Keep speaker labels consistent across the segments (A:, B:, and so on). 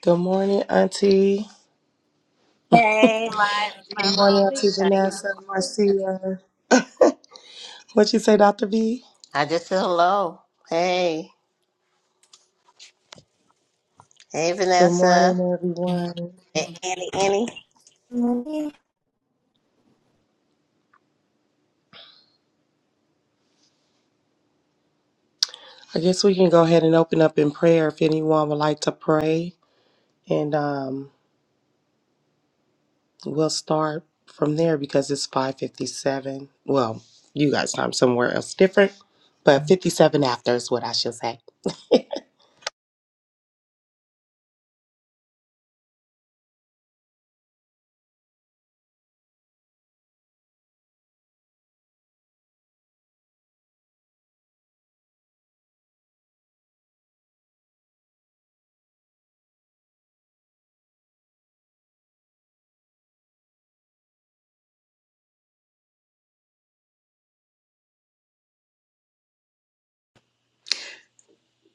A: Good morning, Auntie.
B: Hey, my, my
A: Good
B: little
A: morning, Auntie
B: niece, how you doing?
A: Vanessa, Marcia. What you say, Dr. V?
B: I just said hello. Hey, hey,
A: Good
B: Vanessa.
A: morning, everyone.
B: Hey, Annie, Annie.
C: Mhm.
A: I guess we can go ahead and open up in prayer if anyone would like to pray, and um, we'll start from there because it's five fifty-seven. Well, you guys' time somewhere else different, but fifty-seven after is what I should say.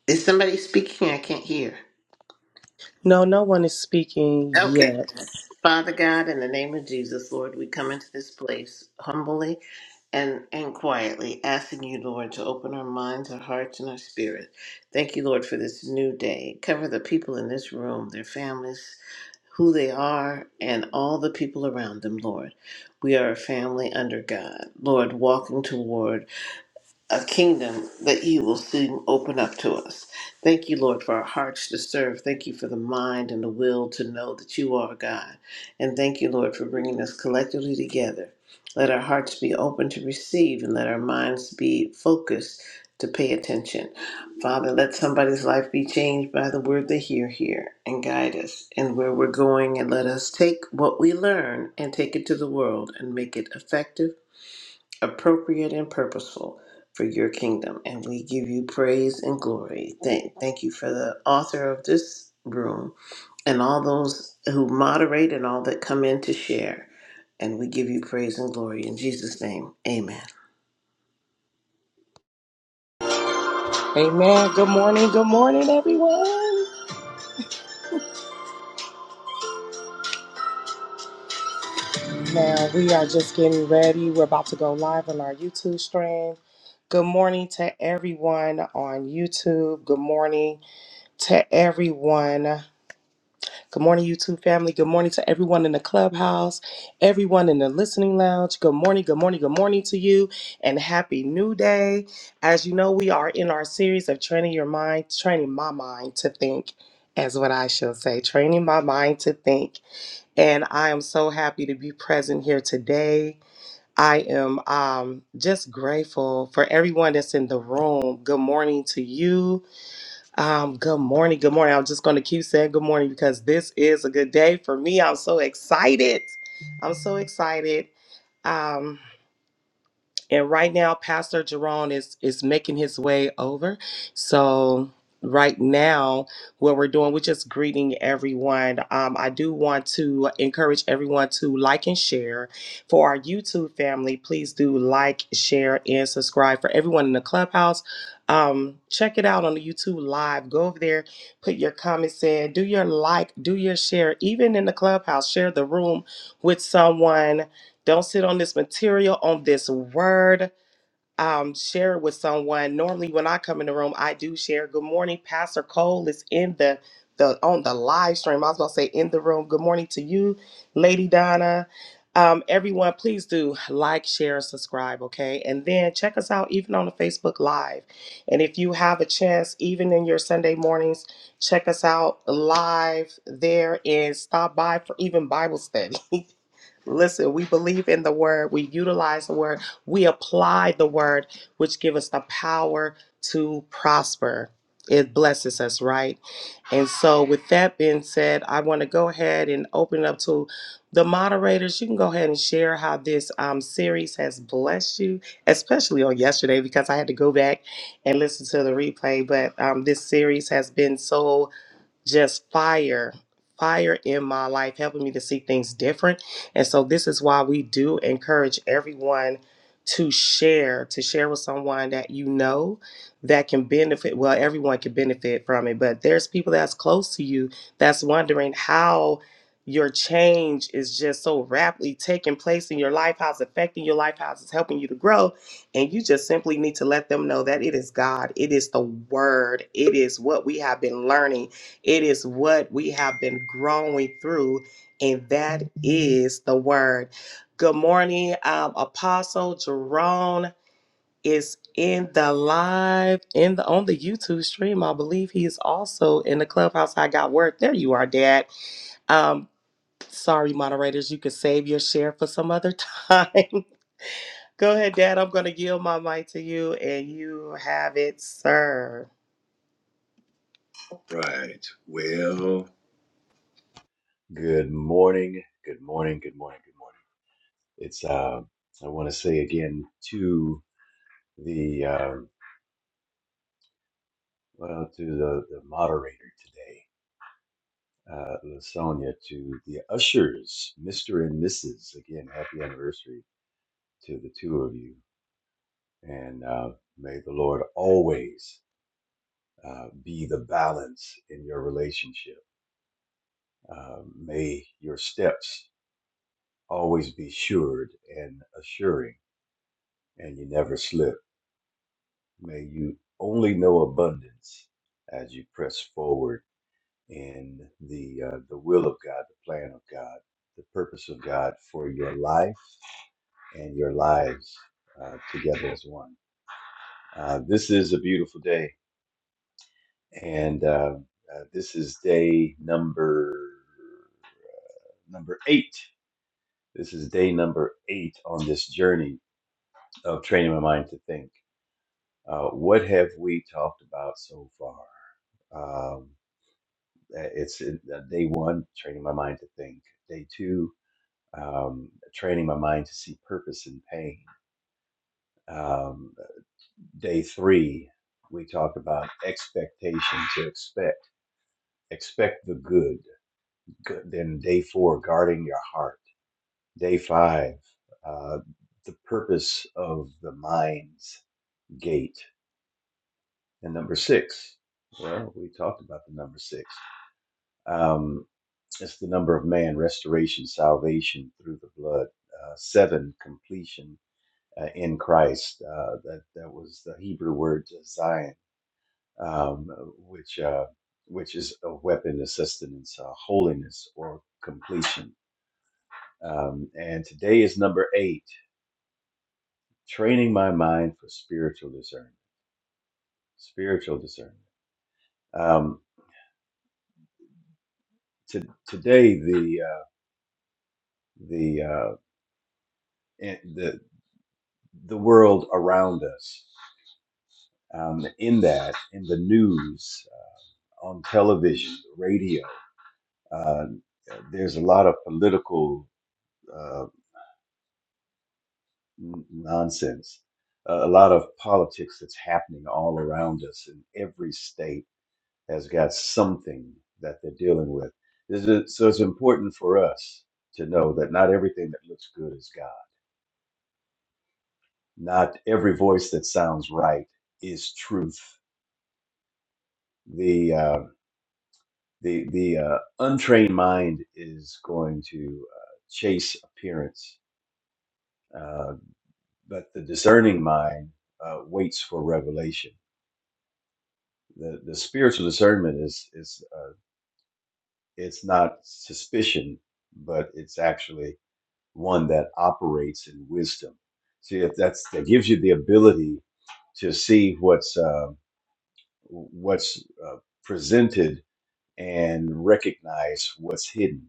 B: Is somebody speaking? I can't hear.
A: No, no one is speaking
B: Okay.
A: yet.
B: Father God, in the name of Jesus, Lord, we come into this place humbly and, and quietly, asking you, Lord, to open our minds, our hearts, and our spirit. Thank you, Lord, for this new day. Cover the people in this room, their families, who they are, and all the people around them, Lord. We are a family under God, Lord, walking toward a kingdom that you will soon open up to us. Thank you, Lord, for our hearts to serve. Thank you for the mind and the will to know that you are God. And thank you, Lord, for bringing us collectively together. Let our hearts be open to receive and let our minds be focused to pay attention. Father, let somebody's life be changed by the word they hear here and guide us in where we're going and let us take what we learn and take it to the world and make it effective appropriate and purposeful for your kingdom. And we give you praise and glory. Thank, thank you for the author of this room and all those who moderate and all that come in to share. And we give you praise and glory in Jesus' name. Amen.
A: Amen. Good morning. Good morning, everyone. Now we are just getting ready. We're about to go live on our YouTube stream. Good morning to everyone on YouTube. Good morning to everyone. Good morning, YouTube family. Good morning to everyone in the clubhouse, everyone in the listening lounge. Good morning, good morning, good morning to you, and happy new day. As you know, we are in our series of training your mind, training my mind to think, as what I shall say, training my mind to think. And I am so happy to be present here today I am um, just grateful for everyone that's in the room. Good morning to you. Um, good morning. Good morning. I'm just going to keep saying good morning because this is a good day for me. I'm so excited. I'm so excited. Um, and right now, Pastor Jerome is is making his way over. So right now, what we're doing, we're just greeting everyone. Um, I do want to encourage everyone to like and share. For our YouTube family, please do like, share, and subscribe. For everyone in the clubhouse, um, check it out on the YouTube live. Go over there, put your comments in, do your like, do your share. Even in the clubhouse, share the room with someone don't sit on this material, on this word. Um, share it with someone. Normally, when I come in the room, I do share. Good morning, Pastor Cole is in the the on the live stream. I was gonna say in the room. Good morning to you, Lady Donna. Um, everyone, please do like, share, subscribe, okay? And then check us out even on the Facebook Live. And if you have a chance, even in your Sunday mornings, check us out live there and stop by for even Bible study. Listen, we believe in the word, we utilize the word, we apply the word, which give us the power to prosper. It blesses us, right? And so, with that being said, I want to go ahead and open it up to the moderators. You can go ahead and share how this um, series has blessed you, especially on yesterday, because I had to go back and listen to the replay. But um, this series has been so just fire fire in my life helping me to see things different and so this is why we do encourage everyone to share to share with someone that you know that can benefit well everyone can benefit from it but there's people that's close to you that's wondering how your change is just so rapidly taking place in your life how it's affecting your life how it's helping you to grow and you just simply need to let them know that it is god it is the word it is what we have been learning it is what we have been growing through, and that is the word. Good morning, um, Apostle Jerome is in the live in the on the YouTube stream. I believe he is also in the clubhouse. I got word. There you are, Dad. Um, sorry, moderators, you can save your share for some other time. Go ahead, Dad. I'm going to yield my mic to you, and you have it, sir. Right. Well,
D: Good morning. Good morning. Good morning. Good morning. It's uh, I want to say again to the uh, well to the, the moderator today, uh, Lasonia, to the ushers, Mister and Mrs. Again, happy anniversary to the two of you, and uh, may the Lord always uh, be the balance in your relationship. Uh, may your steps always be assured and assuring, and you never slip. May you only know abundance as you press forward in the uh, the will of God, the plan of God, the purpose of God for your life and your lives uh, together as one. Uh, this is a beautiful day, and uh, uh, this is day number number eight. This is day number eight on this journey of training my mind to think. Uh, what have we talked about so far? Um, Uh, It's uh, uh, day one, training my mind to think. Day two, um, training my mind to see purpose in pain. Um, day three, we talked about expectation to expect, expect the good. good. Then day four, guarding your heart. Day five, uh, the purpose of the mind's gate. And number six, well, we talked about the number six. Um, That's the number of man, restoration, salvation through the blood. Uh, seven, completion uh, in Christ. Uh, that that was the Hebrew word uh, Zion, um, which uh, which is a weapon of sustenance, uh, holiness, or completion. Um, and today is number eight, training my mind for spiritual discernment. Spiritual discernment. Um, to, today, the uh, the uh, in- the the world around us. um, in that, in the news, uh, on television, radio. Uh, there's a lot of political uh, nonsense, a lot of politics that's happening all around us, and every state has got something that they're dealing with. This is, so it's important for us to know that not everything that looks good is God. Not every voice that sounds right is truth. The uh, the the uh, untrained mind is going to uh, chase appearance, uh, but the discerning mind uh, waits for revelation. The the spiritual discernment is is uh, it's not suspicion, but it's actually one that operates in wisdom. See, if that's that gives you the ability to see what's uh, what's uh, presented and recognize what's hidden.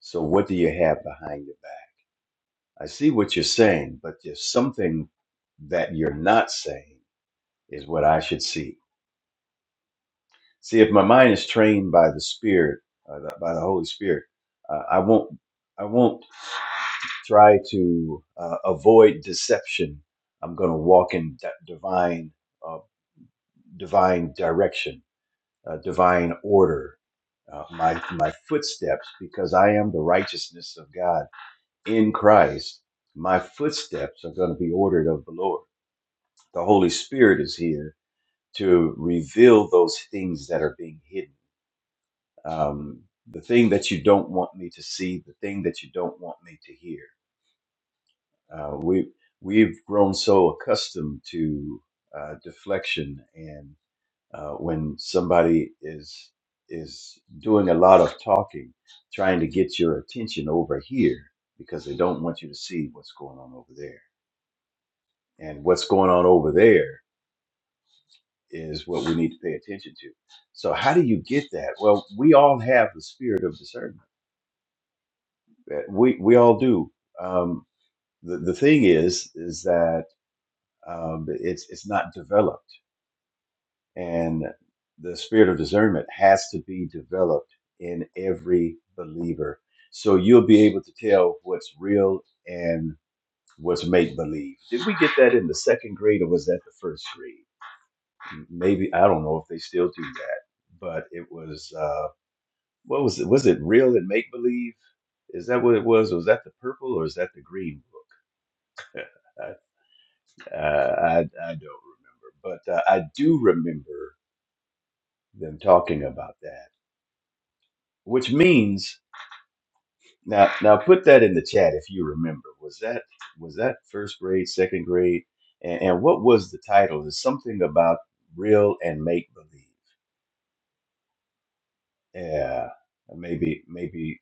D: So, what do you have behind your back? I see what you're saying, but there's something that you're not saying is what I should see. See, if my mind is trained by the Spirit, uh, the- by the Holy Spirit, uh, I won't, I won't try to uh, avoid deception. I'm going to walk in di- divine, uh, divine direction, uh, divine order, uh, my my footsteps, because I am the righteousness of God in Christ. My footsteps are going to be ordered of the Lord the Holy Spirit is here to reveal those things that are being hidden. Um, the thing that you don't want me to see, the thing that you don't want me to hear. Uh, we we've grown so accustomed to uh, deflection, and uh, when somebody is is doing a lot of talking, trying to get your attention over here because they don't want you to see what's going on over there, and what's going on over there is what we need to pay attention to. So how do you get that? Well, we all have the spirit of discernment. Uh, We we all do. Um, the the thing is is that um, it's it's not developed, and the spirit of discernment has to be developed in every believer. So you'll be able to tell what's real and what's make believe. Did we get that in the second grade, or was that the first grade? Maybe I don't know if they still do that, but it was. Uh, What was it? Was it real and make believe? Is that what it was? Was that the purple or is that the green book? I uh, I, I don't remember, but uh, I do remember them talking about that, which means now now put that in the chat if you remember. Was that was that first grade, second grade, and, and what was the title? Is something about real and make believe? Yeah, maybe maybe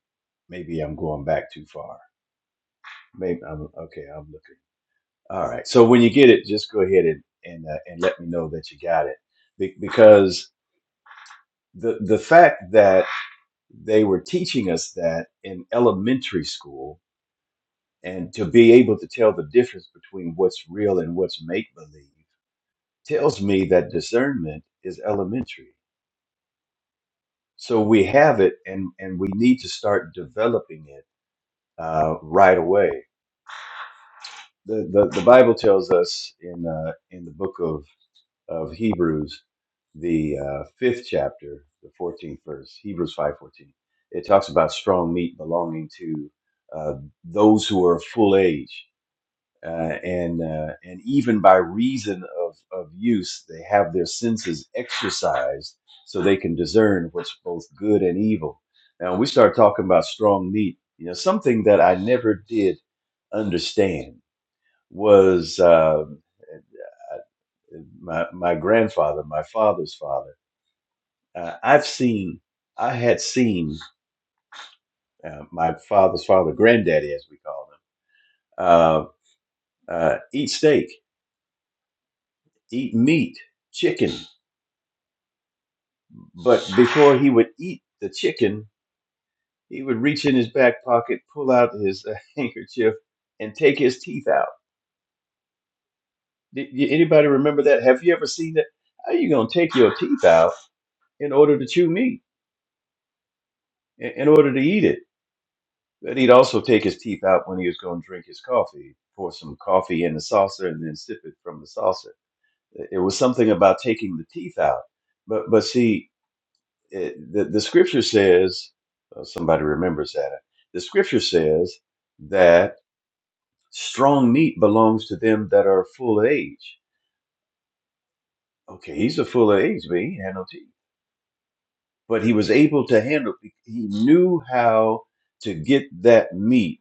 D: maybe I'm going back too far. Maybe I'm okay. I'm looking. All right. So when you get it, just go ahead and and, uh, and let me know that you got it, Be- because the the fact that they were teaching us that in elementary school, and to be able to tell the difference between what's real and what's make believe, tells me that discernment is elementary. So we have it, and and we need to start developing it uh, right away. The, the the Bible tells us in uh, in the book of of Hebrews, the uh, fifth chapter, the 14th verse, Hebrews 5:14. It talks about strong meat belonging to uh, those who are of full age, uh, and uh, and even by reason of of use, they have their senses exercised so they can discern what's both good and evil. Now, when we start talking about strong meat, you know, something that I never did understand was. Uh, my my grandfather, my father's father. Uh, I've seen, I had seen uh, my father's father, granddaddy, as we called him, uh, uh, eat steak, eat meat, chicken. But before he would eat the chicken, he would reach in his back pocket, pull out his uh, handkerchief, and take his teeth out. Did, did anybody remember that? Have you ever seen that? How are you gonna take your teeth out in order to chew meat, in in order to eat it? But he'd also take his teeth out when he was going to drink his coffee, pour some coffee in the saucer, and then sip it from the saucer. It was something about taking the teeth out. But but see, it, the the scripture says, uh, somebody remembers that. The scripture says that strong meat belongs to them that are full of age. Okay, he's a full of age, but he ain't had no teeth. But he was able to handle. He knew how to get that meat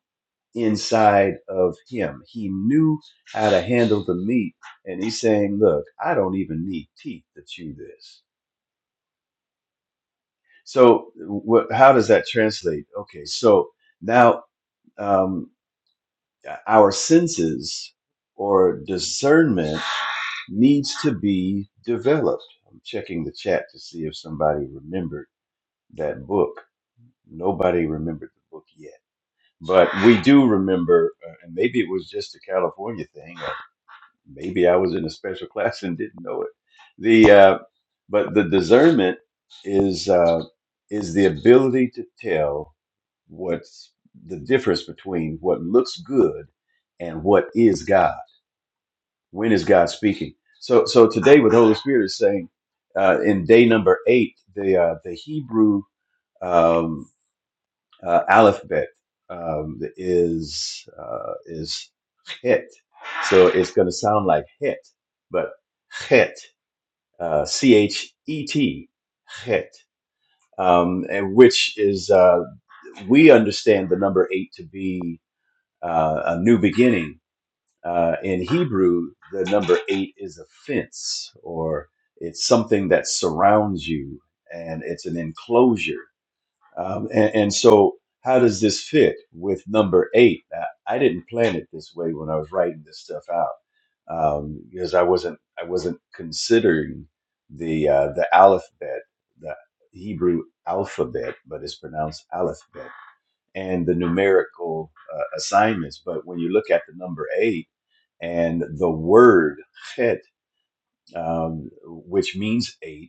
D: inside of him. He knew how to handle the meat. And he's saying, Look, I don't even need teeth to chew this. So, what, how does that translate? Okay, so now um, our senses or discernment needs to be developed. I'm checking the chat to see if somebody remembered that book. Nobody remembered the book yet. But we do remember, uh, and maybe it was just a California thing or maybe I was in a special class and didn't know it. The uh, but the discernment is uh, is the ability to tell what's the difference between what looks good and what is God. When is God speaking? So so today, with Holy Spirit is saying uh, in day number eight, the uh, the Hebrew. um, uh, alphabet um, is uh, is hit, so it's going to sound like hit, but hit, uh, c h e t, hit, um, and which is uh, we understand the number eight to be uh, a new beginning. Uh, in Hebrew, the number eight is a fence, or it's something that surrounds you, and it's an enclosure um, and, and so, how does this fit with number eight? Now, I didn't plan it this way when I was writing this stuff out um, because I wasn't I wasn't considering the uh, the alphabet, the Hebrew alphabet, but it's pronounced alphabet, and the numerical uh, assignments. But when you look at the number eight and the word chet, um, which means eight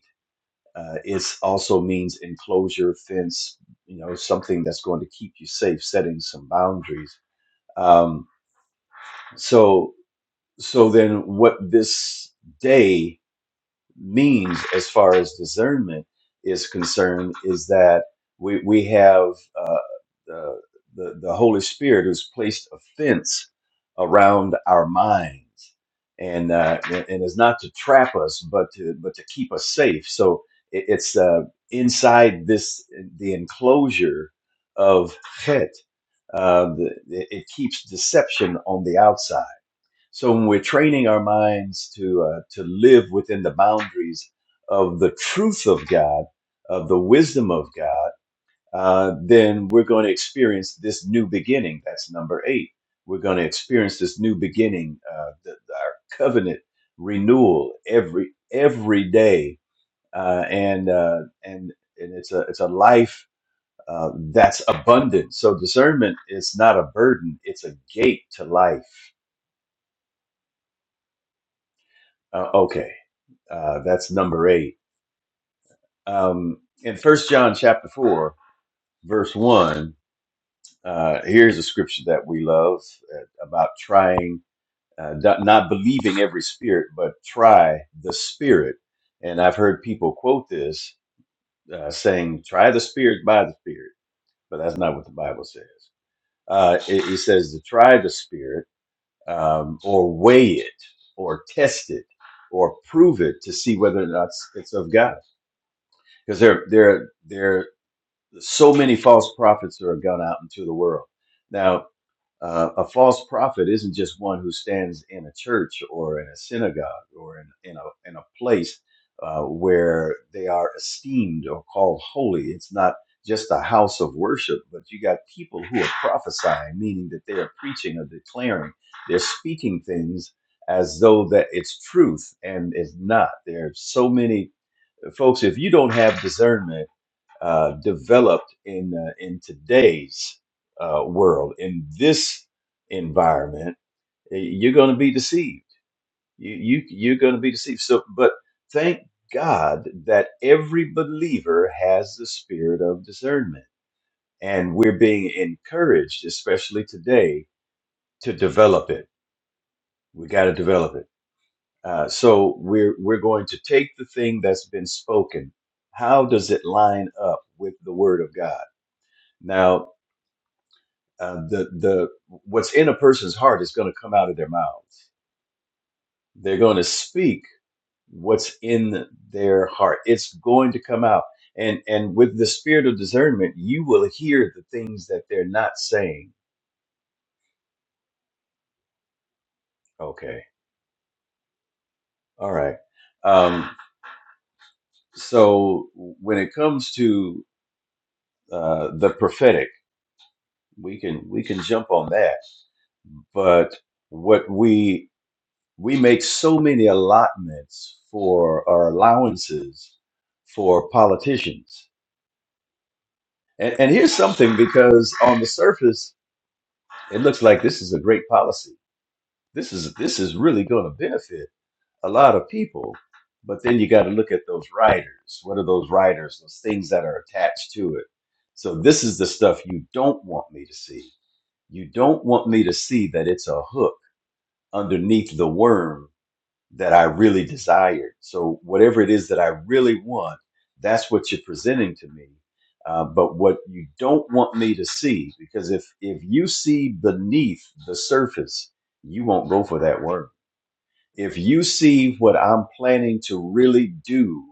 D: uh, it also means enclosure, fence, you know, something that's going to keep you safe, setting some boundaries. Um, so, so then what this day means as far as discernment is concerned is that we, we have uh, the, the, the Holy Spirit who's placed a fence around our mind and uh, and is not to trap us, but to but to keep us safe. So it, it's uh, inside this the enclosure of Chet. Uh, the, it it keeps deception on the outside. So when we're training our minds to uh, to live within the boundaries of the truth of God, of the wisdom of God uh, then we're going to experience this new beginning. That's number eight. We're going to experience this new beginning, uh, the, our covenant renewal every every day, uh, and uh, and and it's a it's a life uh, that's abundant. So discernment is not a burden; it's a gate to life. Uh, okay, uh, that's number eight. Um, in First John chapter four, verse one, uh, here's a scripture that we love uh, about trying uh, not, not believing every spirit, but try the spirit. And I've heard people quote this uh, saying, try the spirit by the spirit, but that's not what the Bible says. Uh, it, it says to try the spirit um, or weigh it or test it or prove it to see whether or not it's it's of God. Because there, there, there, so many false prophets are gone out into the world. Now, Uh, a false prophet isn't just one who stands in a church or in a synagogue or in, in, a, in a place uh, where they are esteemed or called holy. It's not just a house of worship, but you got people who are prophesying, meaning that they are preaching or declaring, they're speaking things as though that it's truth and it's not. There are so many uh, folks, if you don't have discernment, uh, developed in uh, in today's uh, world, in this environment, eh, you're going to be deceived. You you you're going to be deceived. So, but thank God that every believer has the spirit of discernment, and we're being encouraged, especially today, to develop it. We got to develop it. Uh, so we're we're going to take the thing that's been spoken. How does it line up with the Word of God? Now, uh, the the what's in a person's heart is going to come out of their mouths. They're going to speak what's in their heart. It's going to come out, and and with the spirit of discernment, you will hear the things that they're not saying. Okay, all right. Um, so when it comes to uh, the prophetic, we can we can jump on that, but what we we make so many allotments for our allowances for politicians. And, and here's something because on the surface, it looks like this is a great policy. This is this is really going to benefit a lot of people. But then you got to look at those riders. What are those riders? Those things that are attached to it. So this is the stuff you don't want me to see. You don't want me to see that it's a hook underneath the worm that I really desired. So whatever it is that I really want, that's what you're presenting to me. Uh, but what you don't want me to see, because if if you see beneath the surface, you won't go for that word if you see what I'm planning to really do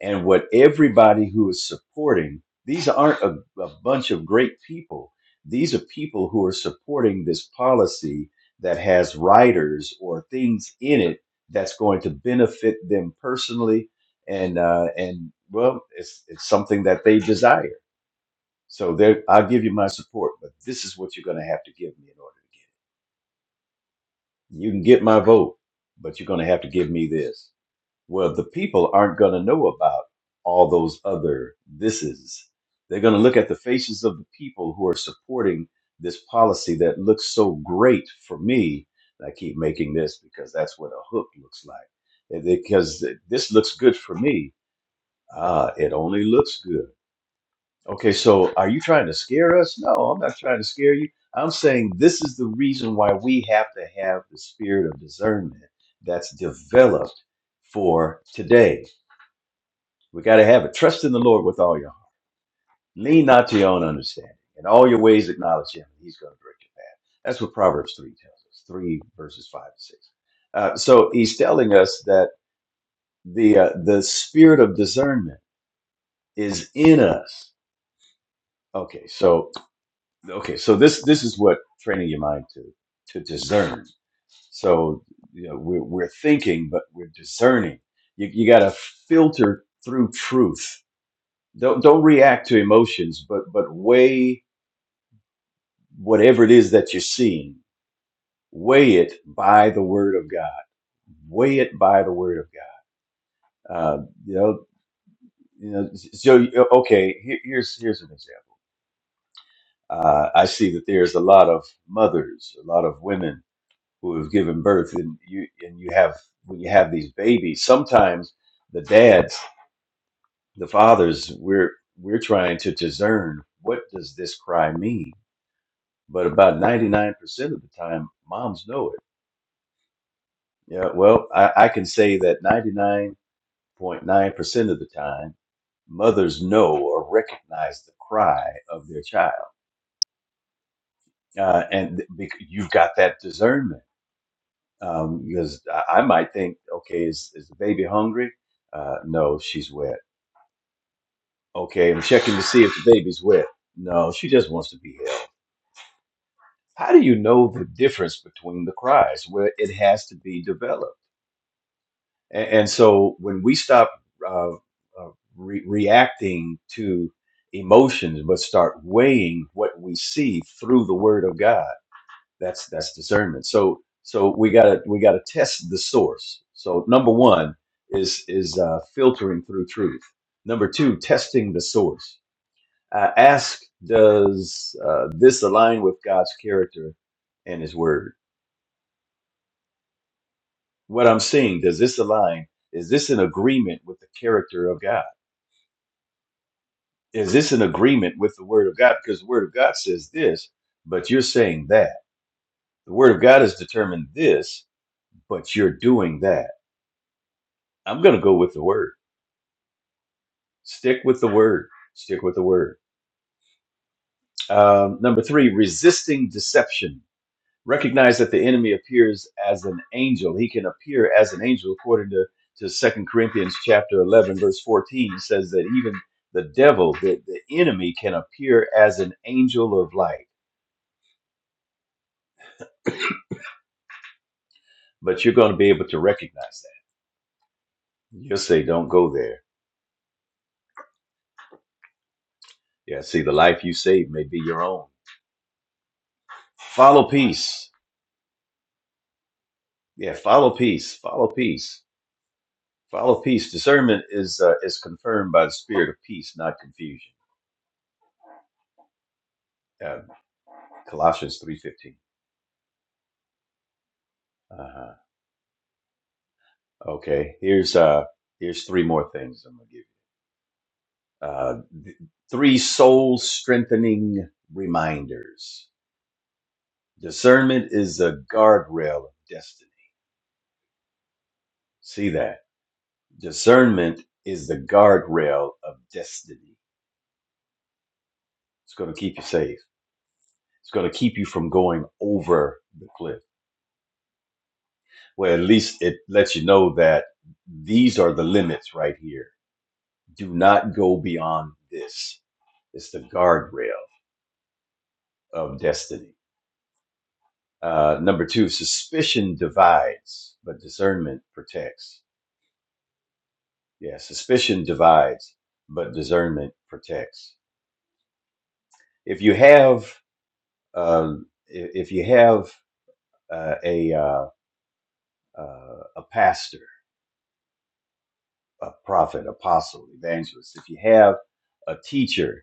D: and what everybody who is supporting, these aren't a, a bunch of great people. These are people who are supporting this policy that has riders or things in it that's going to benefit them personally, and uh, and well, it's it's something that they desire. So there, I'll give you my support, but this is what you're going to have to give me in order. to get- You can get my vote, but you're going to have to give me this. Well, the people aren't going to know about all those other thises. They're going to look at the faces of the people who are supporting this policy that looks so great for me. And I keep making this because that's what a hook looks like. And Because this looks good for me. Ah, it only looks good. Okay, so are you trying to scare us? No, I'm not trying to scare you. I'm saying this is the reason why we have to have the spirit of discernment that's developed for today we got to have it. Trust in the Lord with all your heart. Lean not to your own understanding. In all your ways, acknowledge Him, and He's going to direct your path. That's what Proverbs 3 tells us, 3 verses 5 and 6. Uh, so he's telling us that the uh, the spirit of discernment is in us. Okay, so okay, so this this is what training your mind to to discern. So you know, we're we're thinking, but we're discerning. You you got to filter through truth don't don't react to emotions but but weigh whatever it is that you're seeing weigh it by the word of god weigh it by the word of god uh, you know you know so okay here, here's here's an example uh, i see that there's a lot of mothers a lot of women who have given birth and you and you have when you have these babies sometimes the dads the fathers we're we're trying to discern what does this cry mean but about 99% of the time moms know it yeah well i, I can say that 99.9% of the time mothers know or recognize the cry of their child uh, and th- bec- you've got that discernment um, because I, I might think okay is, is the baby hungry uh, no she's wet okay i'm checking to see if the baby's wet no she just wants to be held how do you know the difference between the cries well it has to be developed And, and so when we stop uh, uh, re- reacting to emotions, but start weighing what we see through the Word of God, that's that's discernment. So so we gotta we gotta test the source. So number one is is uh, filtering through truth. Number two, testing the source. Uh, ask, does uh, this align with God's character and His Word? What I'm seeing, does this align? Is this in agreement with the character of God? is this an agreement with the word of God? Because the word of God says this, but you're saying that. The word of God has determined this, but you're doing that. I'm going to go with the word. Stick with the word. Stick with the word. Um, number three, resisting deception. Recognize that the enemy appears as an angel. He can appear as an angel according to, to Second Corinthians chapter 11, verse 14 It says that even the devil, the, the enemy can appear as an angel of light, but you're going to be able to recognize that You'll say, don't go there. Yeah, see, the life you save may be your own. Follow peace. Yeah, follow peace. Follow peace. Follow peace. Discernment is uh, is confirmed by the spirit of peace, not confusion. Uh, Colossians three fifteen. Uh huh. Okay. Here's uh here's three more things I'm gonna give you. Uh, th- three soul strengthening reminders. Discernment is the guardrail of destiny. See that discernment is the guardrail of destiny. It's going to keep you safe. It's going to keep you from going over the cliff. Well, at least it lets you know that these are the limits right here. Do not go beyond this. It's the guardrail of destiny. Uh, number two, suspicion divides, but discernment protects. Yeah, suspicion divides, but discernment protects. If you have, uh, if you have uh, a uh, uh, a pastor a prophet, apostle, evangelist, if you have a teacher,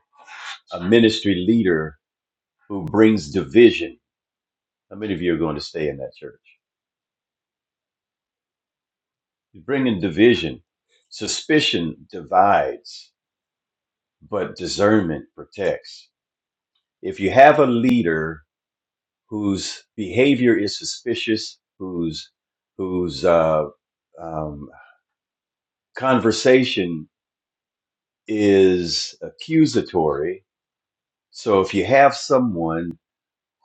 D: a ministry leader who brings division, how many of you are going to stay in that church? You're bringing division. Suspicion divides, but discernment protects. If you have a leader whose behavior is suspicious, whose whose uh, um, conversation is accusatory, so if you have someone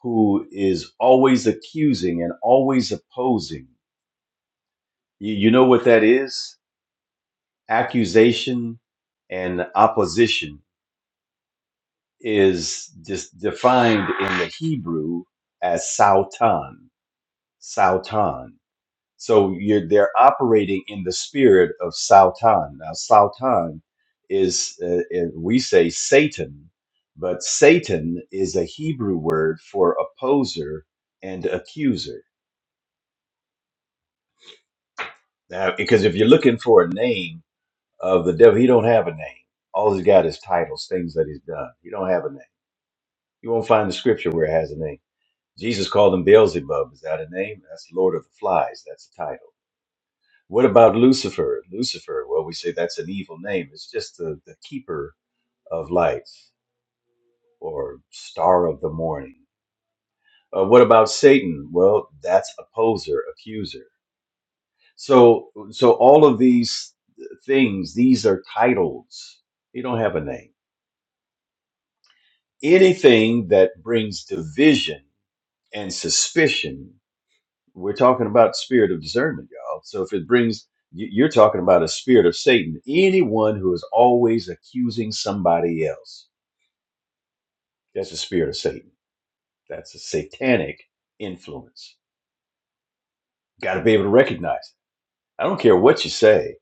D: who is always accusing and always opposing. You, you know what that is? Accusation and opposition is just defined in the Hebrew as Sautan. Sautan. So you're they're operating in the spirit of Sautan. Now Sautan is, uh, is- we say Satan, but Satan is a Hebrew word for opposer and accuser Now, because if you're looking for a name of the devil, he don't have a name. All he's got is titles, things that he's done. He don't have a name. You won't find the scripture where it has a name. Jesus called him Beelzebub. Is that a name? That's Lord of the Flies. That's a title. What about Lucifer? Lucifer, well, we say that's an evil name. It's just the, the keeper of lights or star of the morning. Uh, what about Satan? Well, that's opposer, accuser. So, so all of these things, these are titles. They don't have a name. Anything that brings division and suspicion, we're talking about spirit of discernment, y'all. So if it brings, you- you're talking about a spirit of Satan. Anyone who is always accusing somebody else, that's a spirit of Satan. That's a satanic influence. Got to be able to recognize. it. I don't care what you say.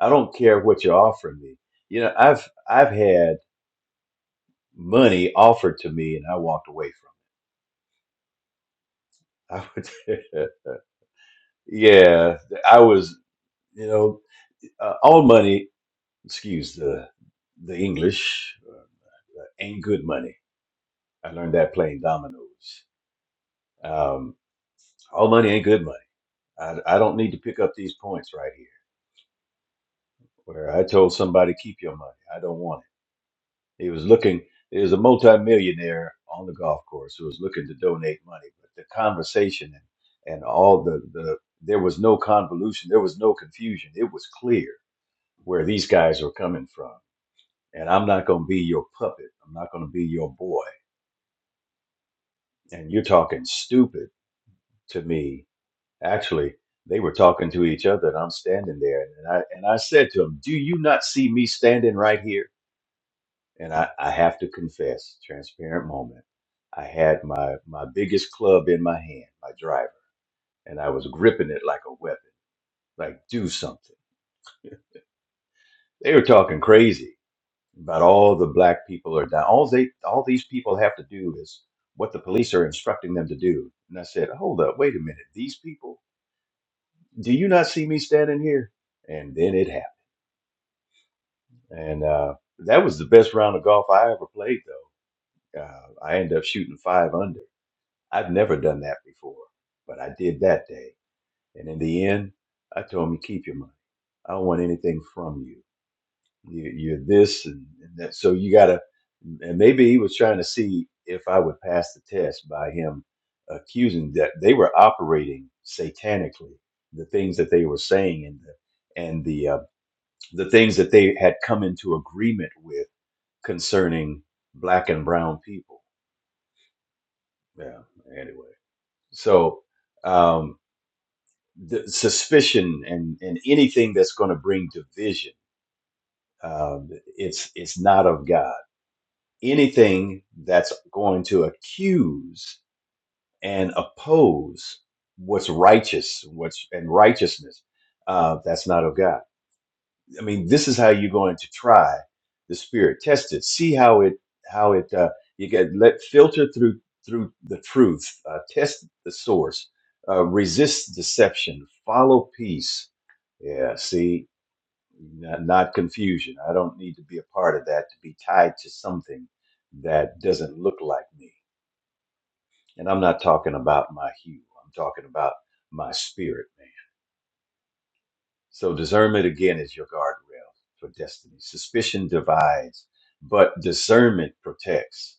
D: I don't care what you're offering me. You know, I've I've had money offered to me and I walked away from. it. I would, yeah, I was, you know, uh, all money, excuse the the English, uh, ain't good money. I learned that playing dominoes. Um, all money ain't good money. I, I don't need to pick up these points right here where I told somebody keep your money. I don't want it. He was looking, there was a multimillionaire on the golf course who was looking to donate money, but the conversation and, and all the, the, there was no convolution, there was no confusion. It was clear where these guys were coming from. And I'm not going to be your puppet. I'm not going to be your boy. And you're talking stupid to me. Actually, they were talking to each other, and I'm standing there. And I, and I said to him, Do you not see me standing right here? and I, I have to confess, transparent moment. I had my my biggest club in my hand, my driver, and I was gripping it like a weapon, like do something. They were talking crazy about all the black people are down. All they all these people have to do is what the police are instructing them to do. And I said, hold up, wait a minute, these people, do you not see me standing here? And then it happened, and uh, that was the best round of golf I ever played, though. Uh, I ended up shooting five under I've never done that before, but I did that day. And in the end, I told him, keep your money. I don't want anything from you. you you're this and, and that. So you got to, and maybe he was trying to see if I would pass the test by him accusing that they were operating satanically, the things that they were saying and the, and the, uh, the things that they had come into agreement with concerning black and brown people. Yeah. Anyway, so, um, the suspicion and, and anything that's going to bring division um, it's it's not of god anything that's going to accuse and oppose what's righteous what's and righteousness uh, that's not of god i mean this is how you're going to try the spirit test it see how it how it uh, you get let filter through through the truth uh, test the source uh, resist deception follow peace yeah, see, not, not confusion. I don't need to be a part of that to be tied to something that doesn't look like me. And I'm not talking about my hue. I'm talking about my spirit, man. So discernment again is your guardrail for destiny. Suspicion divides, but discernment protects.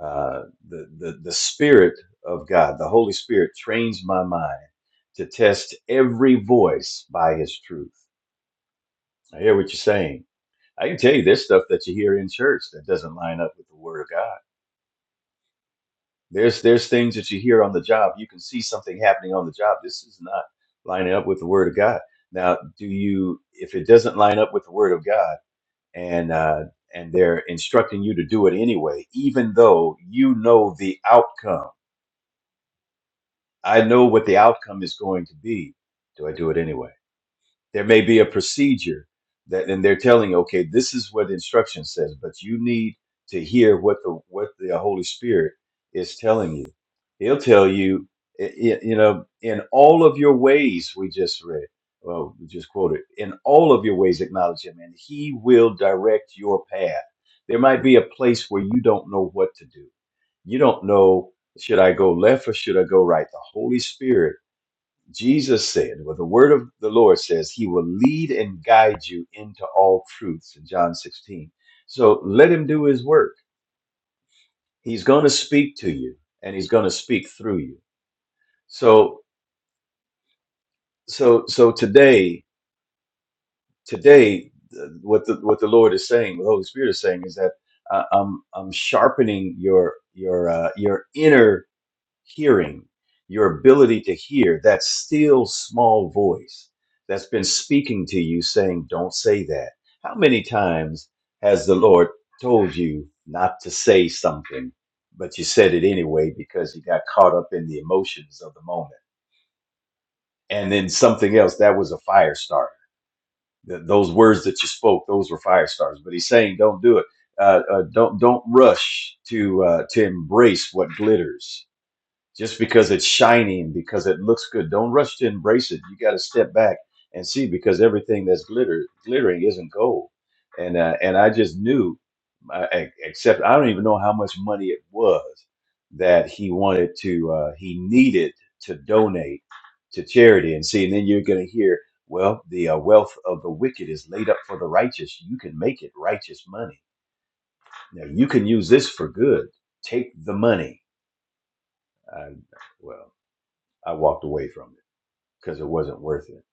D: Uh, the the the spirit of God, the Holy Spirit, trains my mind to test every voice by His truth. I hear what you're saying I can tell you there's stuff that you hear in church that doesn't line up with the word of God. There's there's things that you hear on the job. You can see something happening on the job. This is not lining up with the word of God. Now, do you if it doesn't line up with the word of God and uh and they're instructing you to do it anyway, even though you know the outcome. I know what the outcome is going to be. Do I do it anyway? there may be a procedure that and they're telling you okay this is what the instruction says but you need to hear what the what the holy spirit is telling you he'll tell you i- i- you know in all of your ways we just read well we just quoted in all of your ways acknowledge him and he will direct your path there might be a place where you don't know what to do you don't know should i go left or should i go right the holy spirit Jesus said, well, the word of the Lord says, He will lead and guide you into all truths in John 16. So let Him do His work. He's going to speak to you and He's going to speak through you. So, so, so today, today, uh, what the, what the Lord is saying, what the Holy Spirit is saying is that uh, I'm, I'm sharpening your, your, uh, your inner hearing, your ability to hear that still small voice that's been speaking to you saying, Don't say that. How many times has the Lord told you not to say something, but you said it anyway because you got caught up in the emotions of the moment? And then something else that was a fire starter. Th- those words that you spoke, those were fire starters. But he's saying, Don't do it. Uh, uh, don't don't rush to uh, to embrace what glitters just because it's shining, because it looks good. Don't rush to embrace it. You got to step back and see because everything that's glitter glittering isn't gold. And uh, and I just knew, uh, ex- except I don't even know how much money it was that he wanted to uh, he needed to donate to charity. And see, and then you're going to hear, well, the uh, wealth of the wicked is laid up for the righteous. You can make it righteous money. Now you can use this for good. Take the money. Uh, well. I walked away from it because it wasn't worth it.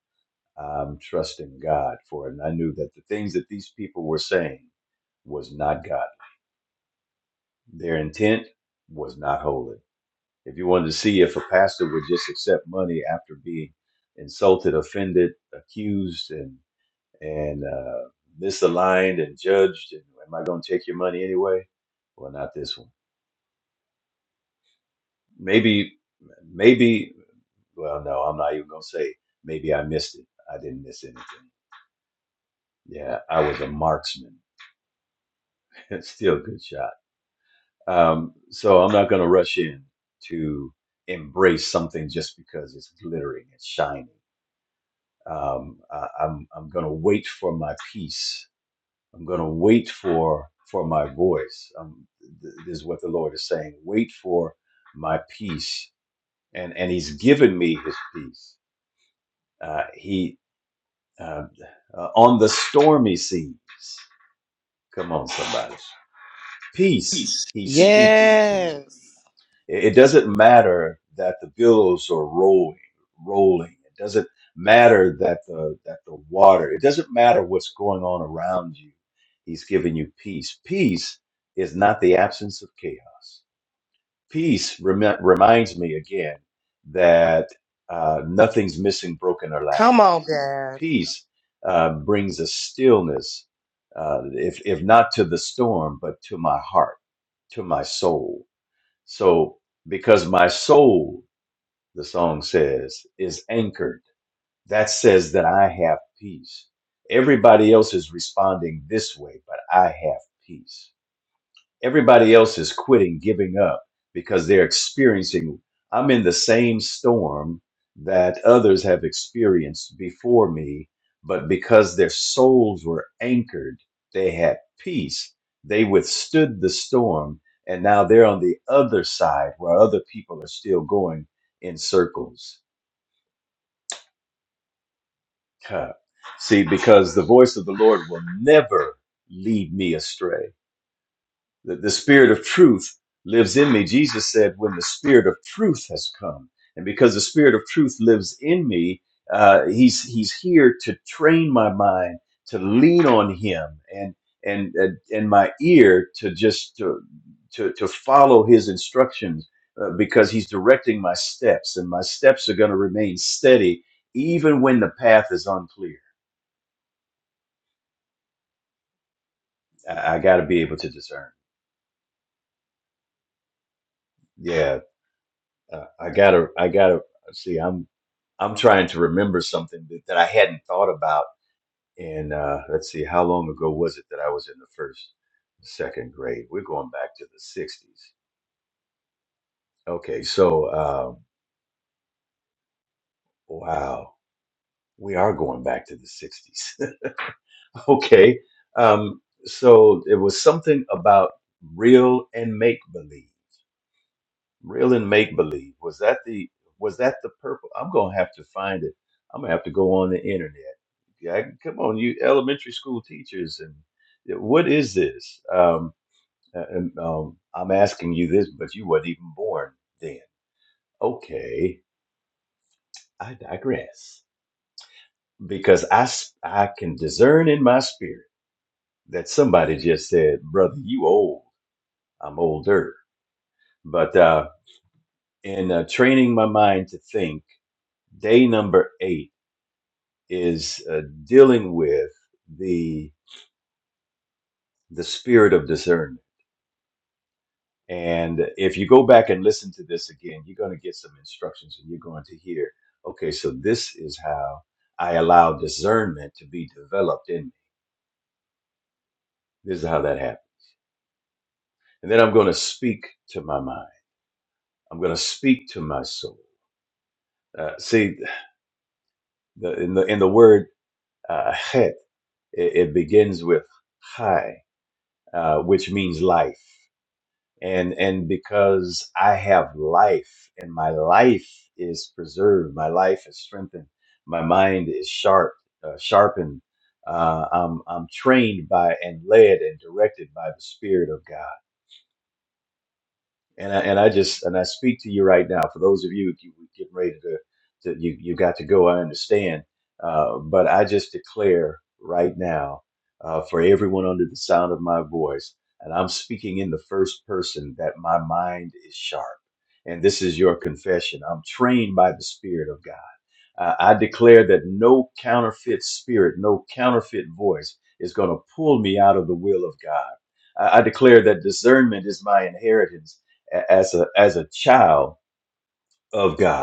D: I'm trusting God for it. And I knew that the things that these people were saying was not God. Their intent was not holy. If you wanted to see if a pastor would just accept money after being insulted, offended, accused, and and uh, misaligned and judged, and am I going to take your money anyway? Well, not this one. Maybe, maybe. Well, no, I'm not even going to say. Maybe I missed it. I didn't miss anything Yeah, I was a marksman. Still a good shot. Um, so I'm not going to rush in to embrace something just because it's glittering, it's shining. Um, I, I'm I'm going to wait for my peace. I'm going to wait for for my voice. Um, th- this is what the Lord is saying. Wait for my peace, and and He's given me His peace. Uh, he uh, uh, on the stormy seas. Come on, somebody. Peace, he speaks to me.
A: Yes.
D: It it doesn't matter that the billows are rolling, rolling. It doesn't matter that the that the water. It doesn't matter what's going on around you. He's giving you peace. Peace is not the absence of chaos. Peace remi- reminds me again that uh, nothing's missing, broken, or
A: Come
D: lacking
A: on, Dad.
D: peace uh, brings a stillness, uh, if, if not to the storm, but to my heart, to my soul. So, because my soul, the song says, is anchored, that says that I have peace. Everybody else is responding this way, but I have peace. Everybody else is quitting, giving up because they're experiencing, I'm in the same storm that others have experienced before me, but because their souls were anchored, they had peace. They withstood the storm, and now they're on the other side where other people are still going in circles. Huh. See, because the voice of the Lord will never lead me astray the, the spirit of truth lives in me. Jesus said, when the spirit of truth has come, and because the spirit of truth lives in me, uh, he's he's here to train my mind to lean on him and and and, and my ear to just to to, to follow his instructions uh, because he's directing my steps and my steps are going to remain steady even when the path is unclear. I, I got to be able to discern. Yeah, Uh, I gotta, I gotta see. I'm, I'm trying to remember something that, that I hadn't thought about. And uh, let's see, how long ago was it that I was in the first, second grade? We're going back to the '60s. Okay, so um, wow, we are going back to the '60s. okay, um, so it was something about real and make believe. real and make believe was that the was that the purple i'm gonna have to find it i'm gonna have to go on the internet yeah, come on you elementary school teachers and yeah, what is this um, uh, and, um, i'm asking you this but you weren't even born then okay i digress because i s- i can discern in my spirit that somebody just said brother you old i'm older but uh in uh, training my mind to think day number eight is uh, dealing with the the spirit of discernment. And if you go back and listen to this again, you're going to get some instructions, and you're going to hear, okay, so this is how I allow discernment to be developed in me. This is how that happened. And then I'm going to speak to my mind. I'm going to speak to my soul. Uh, see, the, in the in the word uh, het, it, it begins with high, uh, which means life. and and because I have life and my life is preserved, my life is strengthened, my mind is sharp, uh, sharpened. Uh, I'm I'm trained by and led and directed by the Spirit of God. And I, and I just and I speak to you right now. For those of you who getting ready to, to you you got to go. I understand, uh, but I just declare right now uh, for everyone under the sound of my voice, and I'm speaking in the first person that my mind is sharp. And this is your confession. I'm trained by the Spirit of God. Uh, I declare that no counterfeit spirit, no counterfeit voice is going to pull me out of the will of God. I, I declare that discernment is my inheritance a- as a as a child of God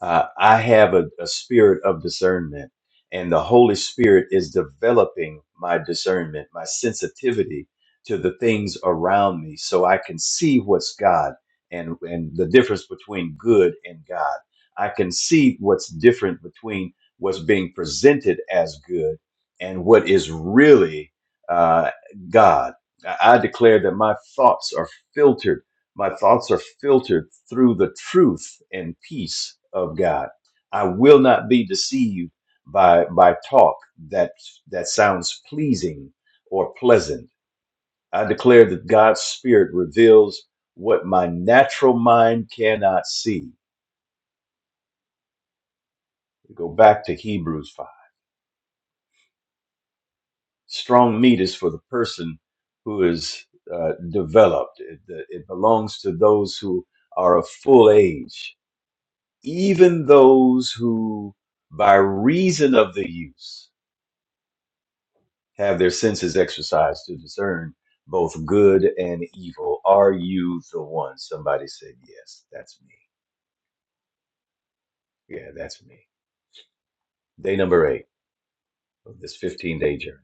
D: uh, I have a, a spirit of discernment, and the Holy Spirit is developing my discernment, my sensitivity to the things around me, so I can see what's God and and the difference between good and God. I can see what's different between what's being presented as good and what is really uh, God. I I declare that my thoughts are filtered my thoughts are filtered through the truth and peace of God. I will not be deceived by by talk that that sounds pleasing or pleasant. I declare that God's spirit reveals what my natural mind cannot see. Go back to Hebrews 5. Strong meat is for the person who is uh, developed. It, it belongs to those who are of full age even those who, by reason of the use, have their senses exercised to discern both good and evil. Are you the one? Somebody said, Yes, that's me. Yeah, that's me. Day number eight of this 15 day journey,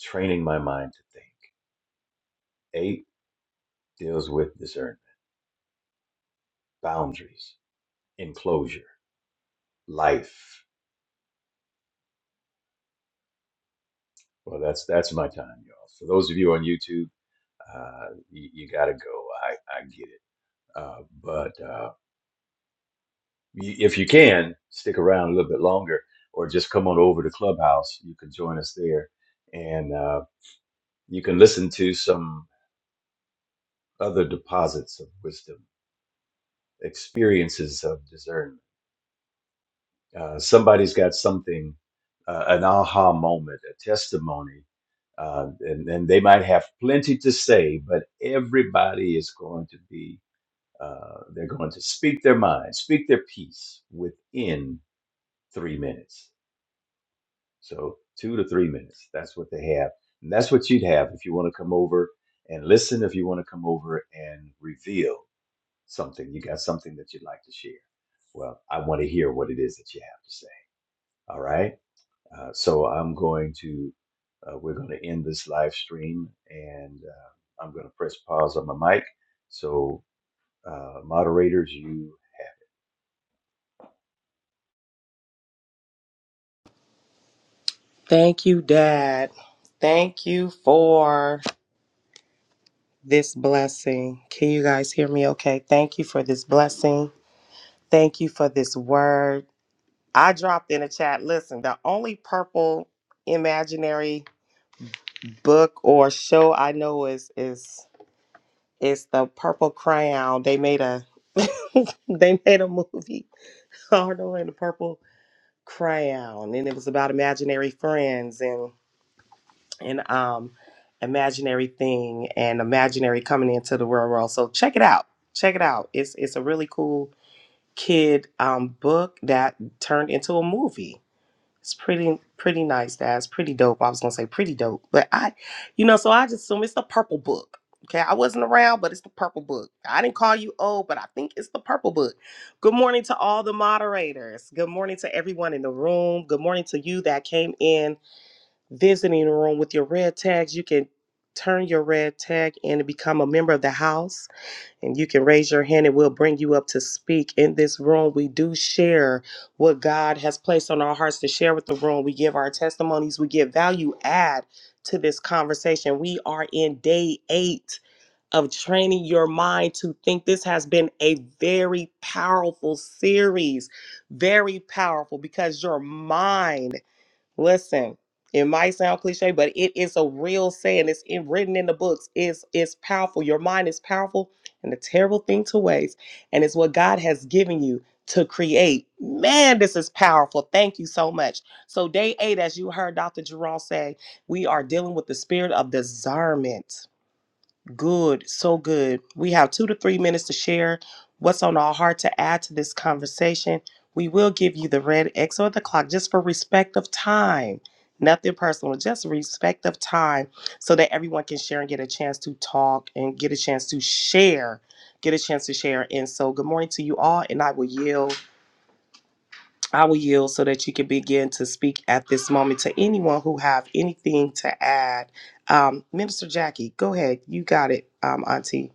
D: training my mind to think. Eight deals with discernment, boundaries, enclosure, life. Well, that's that's my time, y'all. For those of you on YouTube, uh, you, you got to go. I, I get it. Uh, but. uh, y- if you can stick around a little bit longer or just come on over to clubhouse you can join us there and uh, you can listen to some other deposits of wisdom experiences of discernment uh, somebody's got something uh, an aha moment a testimony uh, and, and they might have plenty to say but everybody is going to be uh, they're going to speak their mind speak their piece within three minutes So two to three minutes. That's what they have. And that's what you'd have if you want to come over and listen, if you want to come over and reveal something. You got something that you'd like to share. Well, I want to hear what it is that you have to say. All right. Uh, so I'm going to, uh, we're going to end this live stream and uh, I'm going to press pause on my mic. So, uh, moderators, you
A: Thank you, Dad. Thank you for this blessing. Can you guys hear me okay? Thank you for this blessing. Thank you for this word. I dropped in a chat. Listen, the only purple imaginary book or show I know is is is the Purple Crayon. They made a they made a movie, Arnold and the Purple Crayon, and it was about imaginary friends and um imaginary thing and imaginary coming into the real world so check it out check it out it's it's a really cool kid um book that turned into a movie it's pretty pretty nice that's pretty dope i was gonna say pretty dope but i you know so i just assume it's the purple book okay i wasn't around but it's the purple book i didn't call you old but i think it's the purple book good morning to all the moderators good morning to everyone in the room good morning to you that came in visiting room with your red tags. You can turn your red tag in and become a member of the house and you can raise your hand and we'll bring you up to speak in this room we do share what god has placed on our hearts to share with the room we give our testimonies we give value add to this conversation we are in day eight of training your mind to think this has been a very powerful series very powerful because your mind Listen, it might sound cliche, but it is a real saying. It's in, written in the books. It's it's powerful. Your mind is powerful and a terrible thing to waste. And it's what God has given you to create. Man, this is powerful. Thank you so much. So, day eight, as you heard Dr. Jerome say, we are dealing with the spirit of discernment Good, so good. We have two to three minutes to share what's on our heart to add to this conversation. We will give you the red X or the clock just for respect of time. Nothing personal, just respect of time so that everyone can share and get a chance to talk and get a chance to share. Get a chance to share. And so good morning to you all, and I will yield. I will yield so that you can begin to speak at this moment to anyone who have anything to add. Um, Minister Jackie, go ahead. You got it, um, Auntie.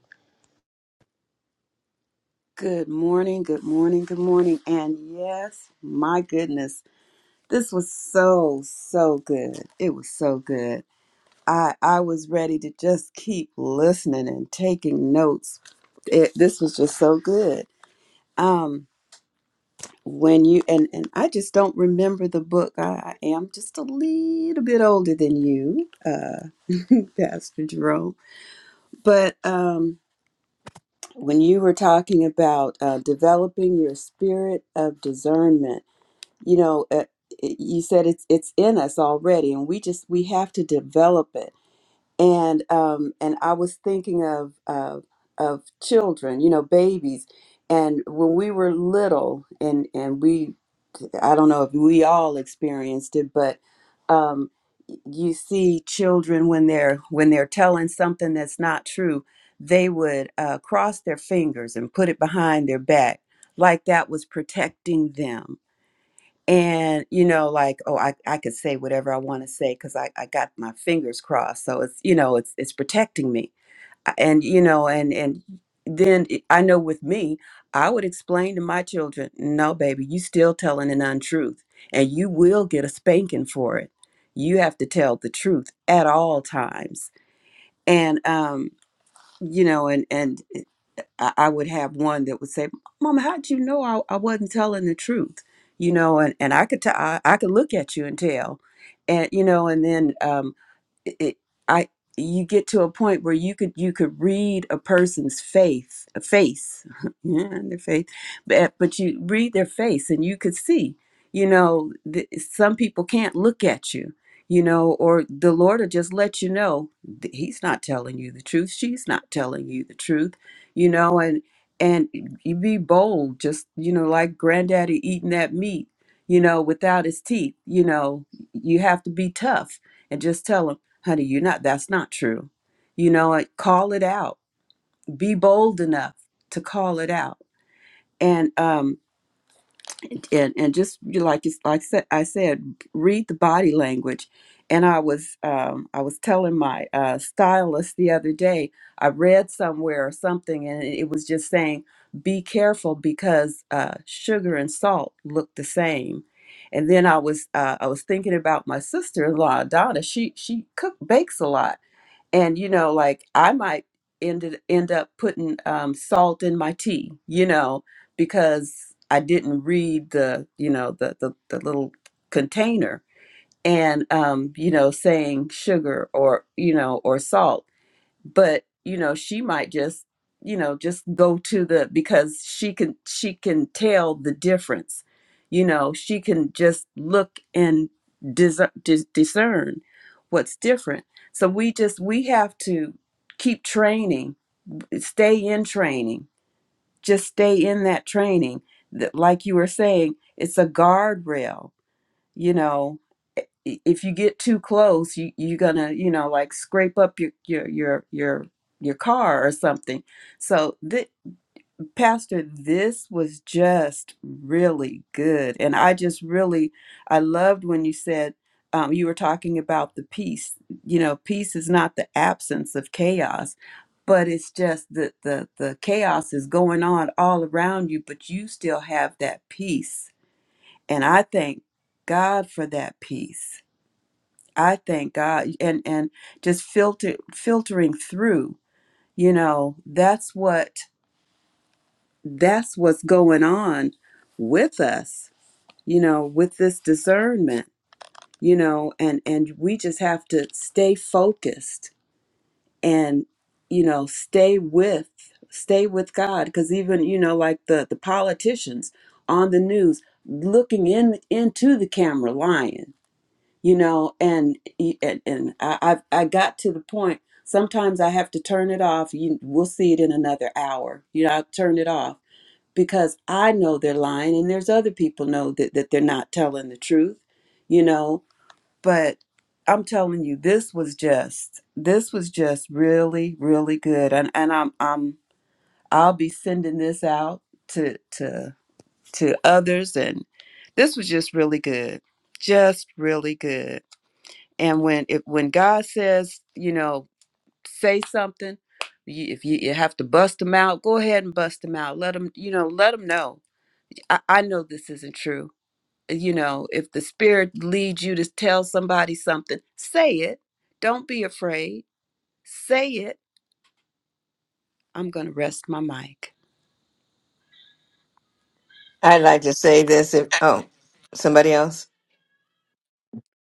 E: Good morning, good morning, good morning. And yes, my goodness, this was so, so good. It was so good. I, I was ready to just keep listening and taking notes. It, this was just so good. Um, when you and, and I just don't remember the book. I, I am just a little bit older than you, uh, Pastor Jerome. But um, when you were talking about uh, developing your spirit of discernment you know uh, you said it's it's in us already and we just we have to develop it and um and i was thinking of of of children you know babies and when we were little and and we i don't know if we all experienced it but um you see children when they're when they're telling something that's not true they would uh, cross their fingers and put it behind their back like that was protecting them and you know like oh i, I could say whatever i want to say because I, I got my fingers crossed so it's you know it's it's protecting me I- and you know and and then it- i know with me i would explain to my children no baby you still telling an untruth and you will get a spanking for it you have to tell the truth at all times and um you know and and I, I would have one that would say, "Mama, how'd you know I, I wasn't telling the truth?" You know, and and I could tell, I I could look at you and tell, and you know, and then um, it, it- I you get to a point where you could you could read a person's faith a face yeah, their faith but, but you read their face and you could see you know th- some people can't look at you you know or the lord will just let you know th- he's not telling you the truth she's not telling you the truth you know, and and you be bold, just you know, like granddaddy eating that meat, you know, without his teeth, you know, you have to be tough and just tell him, honey, you're not that's not true. You know, and call it out. Be bold enough to call it out. And um and and just you like you like said I said read the body language and I was um, I was telling my uh, stylist the other day I read somewhere or something and it was just saying be careful because uh, sugar and salt look the same and then I was uh, I was thinking about my sister-in-law Donna she she cook bakes a lot and you know like i might end it- end up putting um, salt in my tea you know because i didn't read the you know the the, the little container and um you know saying sugar or you know or salt but you know she might just you know just go to the because she can she can tell the difference you know she can just look and dis- dis- discern what's different so we just we have to keep training stay in training just stay in that training that like you were saying it's a guardrail you know i- if you get too close you you're gonna you know like scrape up your your your your your car or something so th- pastor this was just really good and i just really i loved when you said um, you were talking about the peace you know peace is not the absence of chaos but it's just that the the chaos is going on all around you but you still have that peace and I thank God for that peace. I thank God and and just filter filtering through, you know, that's what that's what's going on with us, you know, with this discernment, you know, and and we just have to stay focused and you know, stay with stay with God cuz even, you know, like the the politicians on the news looking in into the camera lying you know and and, and I, I i got to the point sometimes i have to turn it off you we'll see it in another hour you know i turn it off because i know they're lying and there's other people know that, that they're not telling the truth you know but i'm telling you this was just this was just really really good and and i'm i'm i'll be sending this out to to to others and this was just really good just really good and when if when God says, you know, say something, you, if you, you have to bust them out, go ahead and bust them out. Let them, you know, let them know. I, I know this isn't true. You know, if the Spirit leads you to tell somebody something, say it. Don't be afraid. Say it. I'm gonna rest my mic.
F: I'd like to say this if oh somebody else.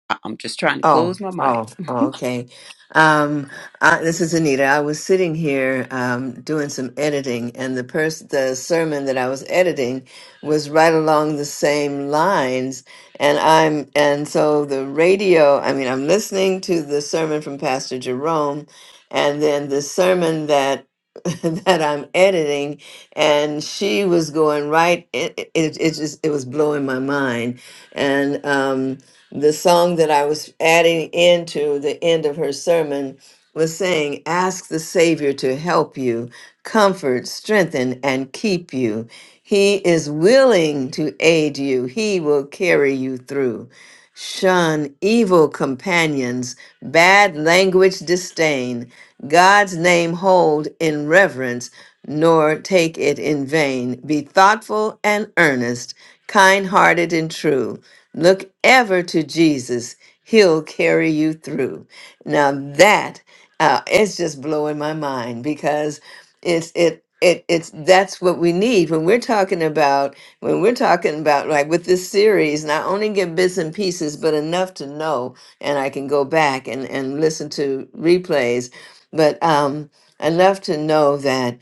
E: I- I'm just trying to
F: Oh,
E: close my mic.
F: oh, oh, okay. Um, I, this is Anita. I was sitting here um, doing some editing, and the pers- the sermon that I was editing was right along the same lines. And I'm and so the radio. I mean, I'm listening to the sermon from Pastor Jerome, and then the sermon that that I'm editing, and she was going right. It it, it it just it was blowing my mind, and um the song that I was adding into the end of her sermon was saying, Ask the Savior to help you, comfort, strengthen, and keep you. He is willing to aid you, He will carry you through. Shun evil companions, bad language disdain, God's name hold in reverence, nor take it in vain. Be thoughtful and earnest, kind hearted and true. Look ever to Jesus. He'll carry you through. Now that uh, it's just blowing my mind because it's it it it's that's what we need when we're talking about when we're talking about like with this series not only get bits and pieces but enough to know and I can go back and and listen to replays but um enough to know that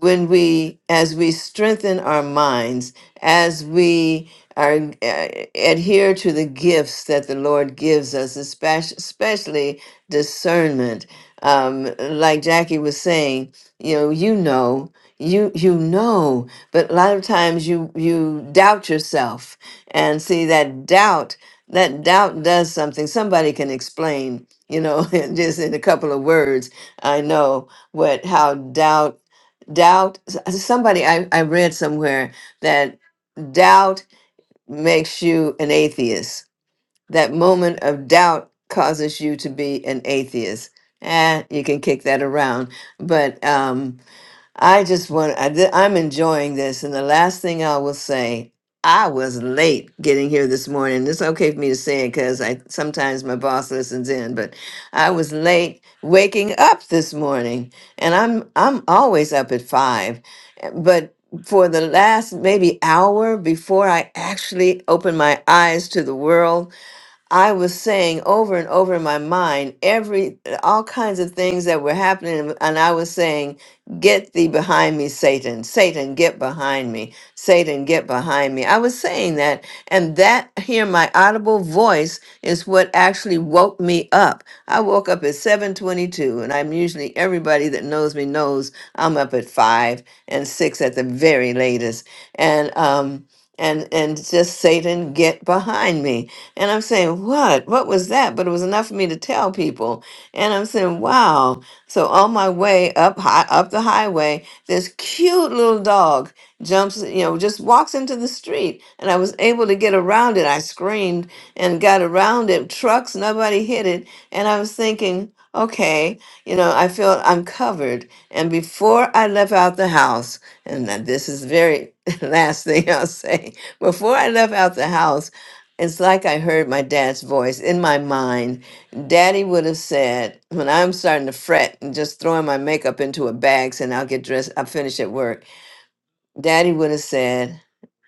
F: when we as we strengthen our minds as we are uh, adhere to the gifts that the lord gives us especially, especially discernment um, like jackie was saying you know you know you you know but a lot of times you you doubt yourself and see that doubt that doubt does something somebody can explain you know just in a couple of words i know what how doubt doubt s- somebody I, I read somewhere that doubt makes you an atheist that moment of doubt causes you to be an atheist and you can kick that around but um, I just want, I, thi- I'm enjoying this. And the last thing I will say, I was late getting here this morning. It's okay for me to say it because I sometimes my boss listens in, but I was late waking up this morning, and I'm I'm always up at five, eh, but for the last maybe hour before I actually opened my eyes to the world, I was saying over and over in my mind every all kinds of things that were happening and I was saying get thee behind me Satan Satan get behind me Satan get behind me I was saying that and that here my audible voice is what actually woke me up I woke up at 7:22 and I'm usually everybody that knows me knows I'm up at 5 and 6 at the very latest and um and and just Satan get behind me and I'm saying, what? What was that? But it was enough for me to tell people. And I'm saying, wow. So on my way up high, up the highway, this cute little dog jumps, you know, just walks into the street. And I was able to get around it. I screamed and got around it. Trucks, nobody hit it. And I was thinking, okay, you know, I feel I'm covered. And before I left out the house, and that- this is the very last thing I'll say, before I left out the house, it's like I heard my dad's voice in my mind. Daddy would have said, when I'm starting to fret and just throwing my makeup into a bag saying I'll get dressed, I'll finish at work. Daddy would have said,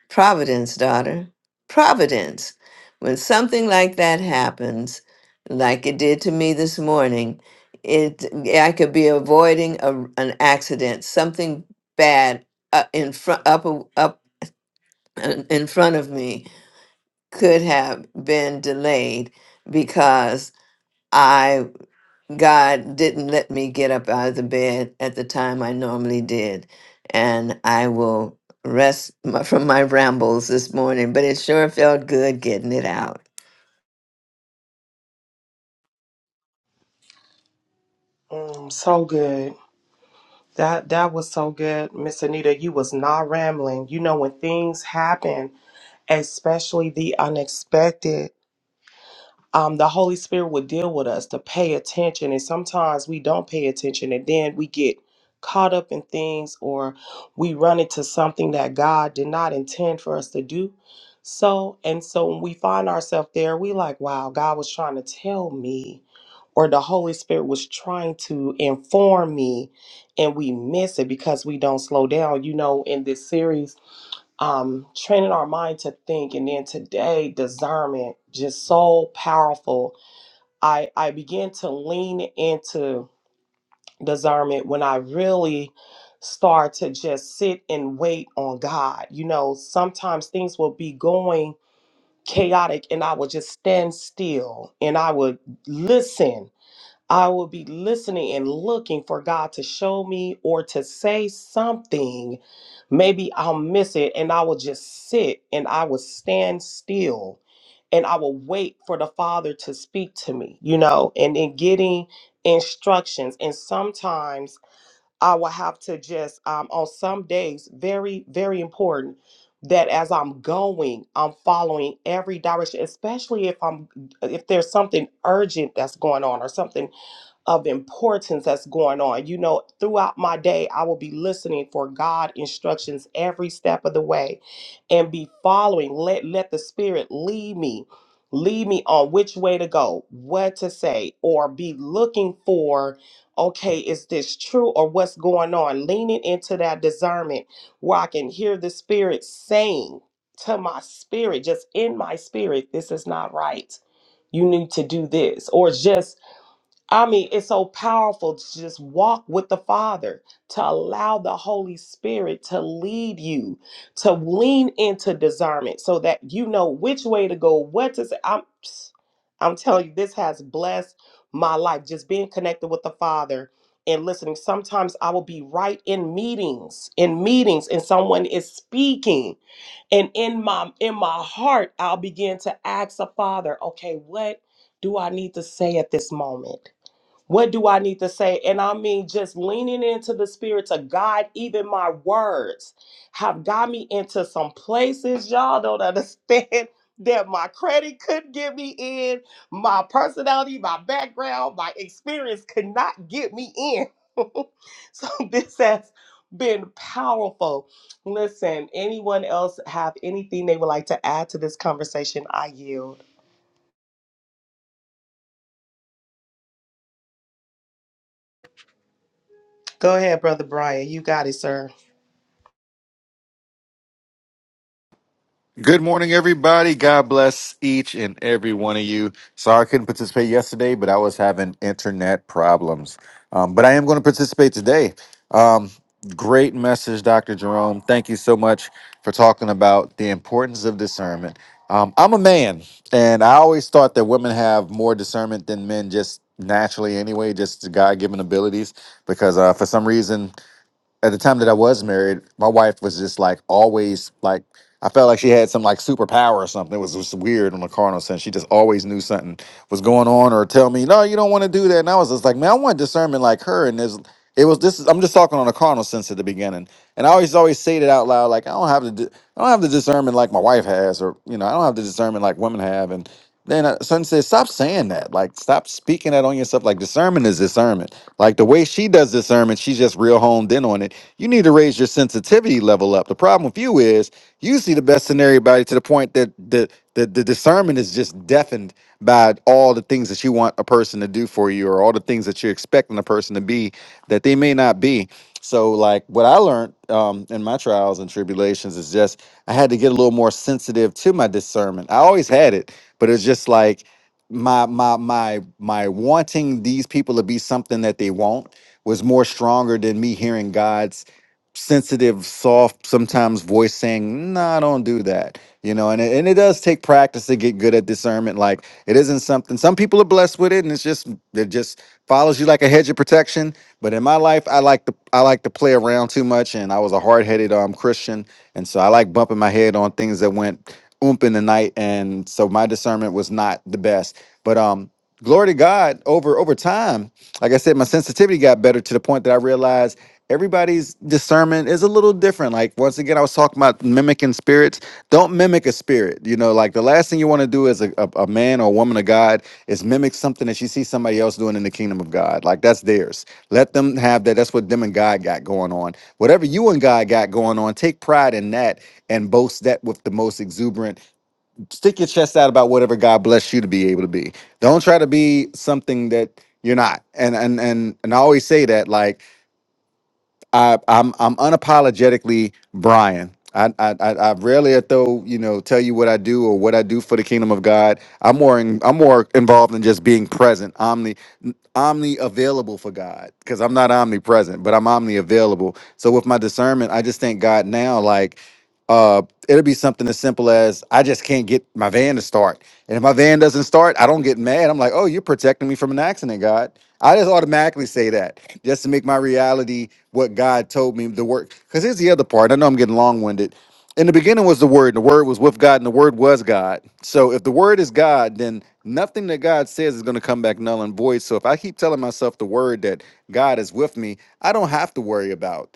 F: Providence, daughter, Providence. When something like that happens, like it did to me this morning, it I could be avoiding a, an accident, something bad uh, in front up up uh, in front of me could have been delayed because I God didn't let me get up out of the bed at the time I normally did, and I will rest my, from my rambles this morning. But it sure felt good getting it out.
A: Mm, so good. That that was so good, Miss Anita. You was not rambling. You know when things happen, especially the unexpected um, the Holy Spirit would deal with us to pay attention. And sometimes we don't pay attention and then we get caught up in things or we run into something that God did not intend for us to do. So, and so when we find ourselves there, we like, wow, God was trying to tell me, or the Holy Spirit was trying to inform me, and we miss it because we don't slow down. You know, in this series, um, training our mind to think. And then today, discernment, just so powerful. I, I began to lean into discernment when I really start to just sit and wait on God. You know, sometimes things will be going chaotic and I would just stand still and I would listen I will be listening and looking for God to show me or to say something. Maybe I'll miss it and I will just sit and I will stand still and I will wait for the Father to speak to me, you know, and in getting instructions. And sometimes I will have to just, um, on some days, very, very important that as I'm going, I'm following every direction, especially if I'm if there's something urgent that's going on or something of importance that's going on. You know, throughout my day, I will be listening for God instructions every step of the way and be following. Let let the spirit lead me. Lead me on which way to go, what to say, or be looking for, okay, is this true or what's going on? Leaning into that discernment where I can hear the spirit saying to my spirit, just in my spirit, this is not right. You need to do this. Or just I mean, it's so powerful to just walk with the Father, to allow the Holy Spirit to lead you, to lean into discernment so that you know which way to go, what to say. I'm, I'm telling you, this has blessed my life, just being connected with the Father and listening. Sometimes I will be right in meetings, in meetings, and someone is speaking. And in my in my heart, I'll begin to ask the Father, okay, what do I need to say at this moment? What do I need to say? And I mean, just leaning into the Spirit to guide even my words have got me into some places y'all don't understand that my credit couldn't get me in, my personality, my background, my experience could not get me in. so this has been powerful. Listen, anyone else have anything they would like to add to this conversation? I yield. Go ahead, Brother Brian. You got it, sir.
G: Good morning, everybody. God bless each and every one of you. Sorry I couldn't participate yesterday, but I was having internet problems. Um, but I am going to participate today. Um, great message, Dr. Jerome. Thank you so much for talking about the importance of discernment. Um, I'm a man, and I always thought that women have more discernment than men just naturally, anyway, just God given abilities, because uh, for some reason, at the time that I was married, my wife was just like always like I felt like she had some like superpower or something. It was just weird on the carnal sense. She just always knew something was going on or tell me, no, you don't want to do that. And I was just like, man, I want discernment like her. And there's it was this is, I'm just talking on a carnal sense at the beginning. And I always always say it out loud, like I don't have the di- I don't have the discernment like my wife has, or you know, I don't have the discernment like women have. And then uh, son says, stop saying that. Like stop speaking that on yourself. Like discernment is discernment like the way she does this sermon, she's just real honed in on it. You need to raise your sensitivity level up. The problem with you is you see the best in everybody to the point that the the, the discernment is just deafened by all the things that you want a person to do for you or all the things that you're expecting a person to be that they may not be. So, like what I learned um, in my trials and tribulations is just I had to get a little more sensitive to my discernment. I always had it, but it's just like my my my my wanting these people to be something that they won't was more stronger than me hearing God's sensitive, soft, sometimes voice saying, "No, I don't do that." You know, and it, and it does take practice to get good at discernment. Like it isn't something some people are blessed with it, and it's just it just follows you like a hedge of protection. But in my life, I like to I like to play around too much, and I was a hard headed um Christian, and so I like bumping my head on things that went oomp in the night, and so my discernment was not the best. But um glory to God over over time. Like I said, my sensitivity got better to the point that I realized everybody's discernment is a little different. Like once again, I was talking about mimicking spirits. Don't mimic a spirit. You know, like the last thing you want to do as a, a, a man or a woman of God is mimic something that you see somebody else doing in the kingdom of God. Like that's theirs. Let them have that. That's what them and God got going on. Whatever you and God got going on, take pride in that and boast that with the most exuberant stick your chest out about whatever God bless you to be able to be. Don't try to be something that you're not. And and and and I always say that like I I'm I'm unapologetically Brian. I I I I rarely though you know tell you what I do or what I do for the kingdom of God. I'm more in, I'm more involved in just being present, omni omni available for God because I'm not omnipresent, but I'm omni available. So with my discernment, I just thank God now. Like uh, it'll be something as simple as I just can't get my van to start, and if my van doesn't start, I don't get mad. I'm like, oh, you're protecting me from an accident, God. I just automatically say that just to make my reality what God told me the word. Because here's the other part. I know I'm getting long winded. In the beginning was the word, and the word was with God, and the word was God. So if the word is God, then nothing that God says is going to come back null and void. So if I keep telling myself the word that God is with me, I don't have to worry about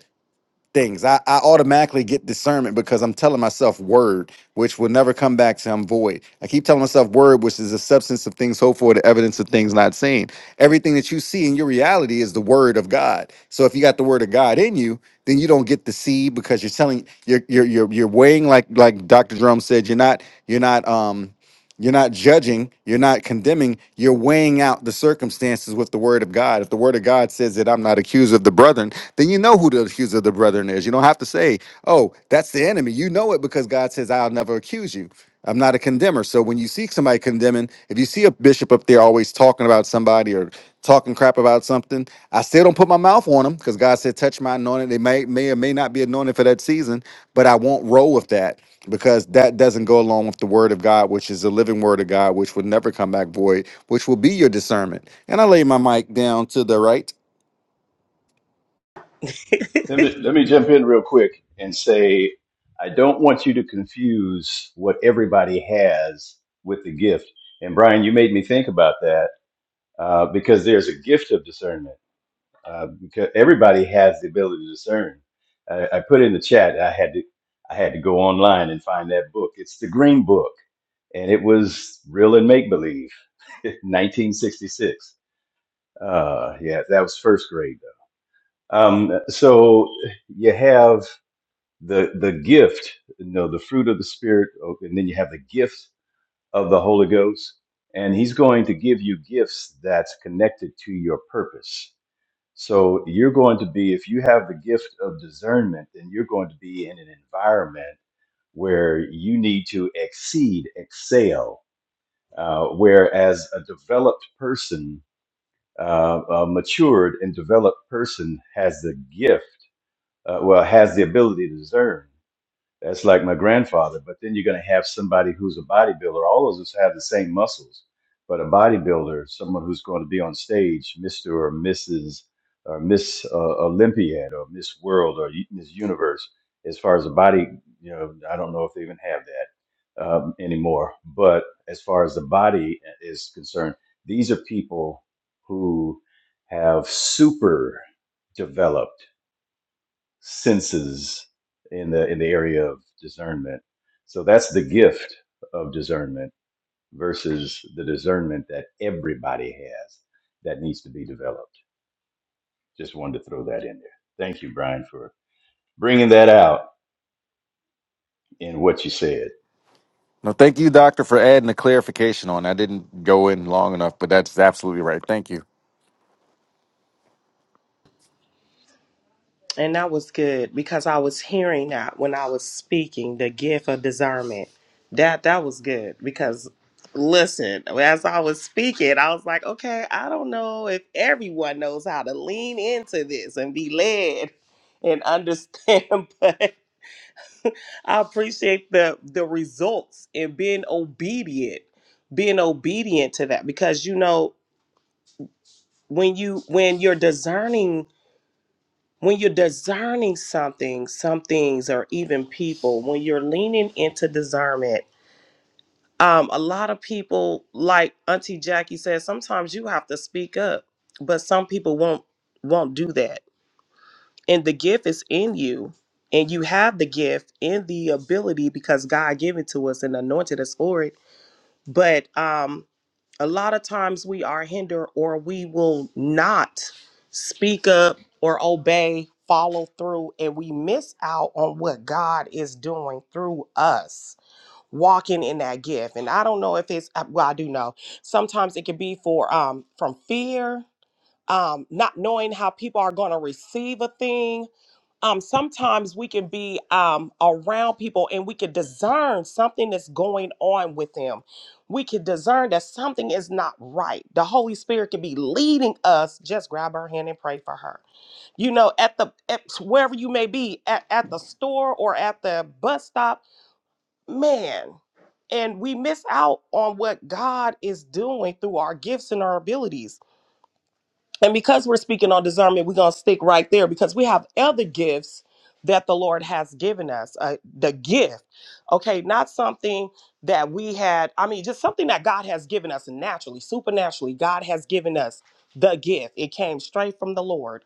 G: things. I, I automatically get discernment because I'm telling myself word, which will never come back to I'm void. I keep telling myself word, which is the substance of things hoped for, the evidence of things not seen. Everything that you see in your reality is the word of God. So if you got the word of God in you, then you don't get the seed because you're telling you're you're you're, you're weighing like like Dr. Drum said, you're not you're not um you're not judging, you're not condemning, you're weighing out the circumstances with the word of God. If the word of God says that I'm not accused of the brethren, then you know who the accuser of the brethren is. You don't have to say, oh, that's the enemy. You know it because God says, I'll never accuse you. I'm not a condemner. So when you see somebody condemning, if you see a bishop up there always talking about somebody or talking crap about something, I still don't put my mouth on them because God said, touch my anointing. They may, may or may not be anointed for that season, but I won't roll with that because that doesn't go along with the word of God, which is the living word of God, which will never come back void, which will be your discernment. And I lay my mic down to the right.
D: Let me let me jump in real quick and say I don't want you to confuse what everybody has with the gift. And Brian, you made me think about that uh, because there's a gift of discernment. Uh, because everybody has the ability to discern. I, I put in the chat. I had to I had to go online and find that book. It's the Green Book, and it was real and make believe, 1966. Uh, yeah, that was first grade. Though. Um, so you have the the gift you know the fruit of the spirit oh, and then you have the gift of the holy ghost and he's going to give you gifts that's connected to your purpose so you're going to be if you have the gift of discernment then you're going to be in an environment where you need to exceed excel uh, whereas a developed person uh, a matured and developed person has the gift uh, well has the ability to discern that's like my grandfather. But then you're going to have somebody who's a bodybuilder. All of us have the same muscles, but a bodybuilder, someone who's going to be on stage, Mr. or Mrs. or Miss uh, Olympiad or Miss World or Miss Universe, as far as the body, you know, I don't know if they even have that um, anymore. But as far as the body uh, is concerned, these are people who have super developed senses in the in the area of discernment. So that's the gift of discernment versus the discernment that everybody has that needs to be developed. Just wanted to throw that in there. Thank you, Brian, for bringing that out in what you said.
G: No, thank you, doctor, for adding a clarification on. I didn't go in long enough, but that's absolutely right. Thank you.
A: And that was good because I was hearing that when I was speaking, the gift of discernment. That that was good because listen, as I was speaking, I was like, okay, I don't know if everyone knows how to lean into this and be led and understand, but I appreciate the the results and being obedient, being obedient to that because you know when you when you're discerning when you're discerning something, some things or even people, when you're leaning into discernment, um, a lot of people, like Auntie Jackie said, sometimes you have to speak up, but some people won't won't do that. And the gift is in you, and you have the gift and the ability because God gave it to us and anointed us for it. But um, a lot of times we are hindered or we will not speak up or obey, follow through, and we miss out on what God is doing through us walking in that gift. And I don't know if it's uh, well, I do know. Sometimes it can be for um from fear, um, not knowing how people are going to receive a thing um, sometimes we can be um, around people and we can discern something that's going on with them. We can discern that something is not right. The Holy Spirit can be leading us. Just grab her hand and pray for her. You know, at the at wherever you may be, at, at the store or at the bus stop, man. And we miss out on what God is doing through our gifts and our abilities and because we're speaking on discernment, we're going to stick right there because we have other gifts that the Lord has given us. Uh, the gift, okay, not something that we had, I mean, just something that God has given us naturally, supernaturally. God has given us the gift, it came straight from the Lord.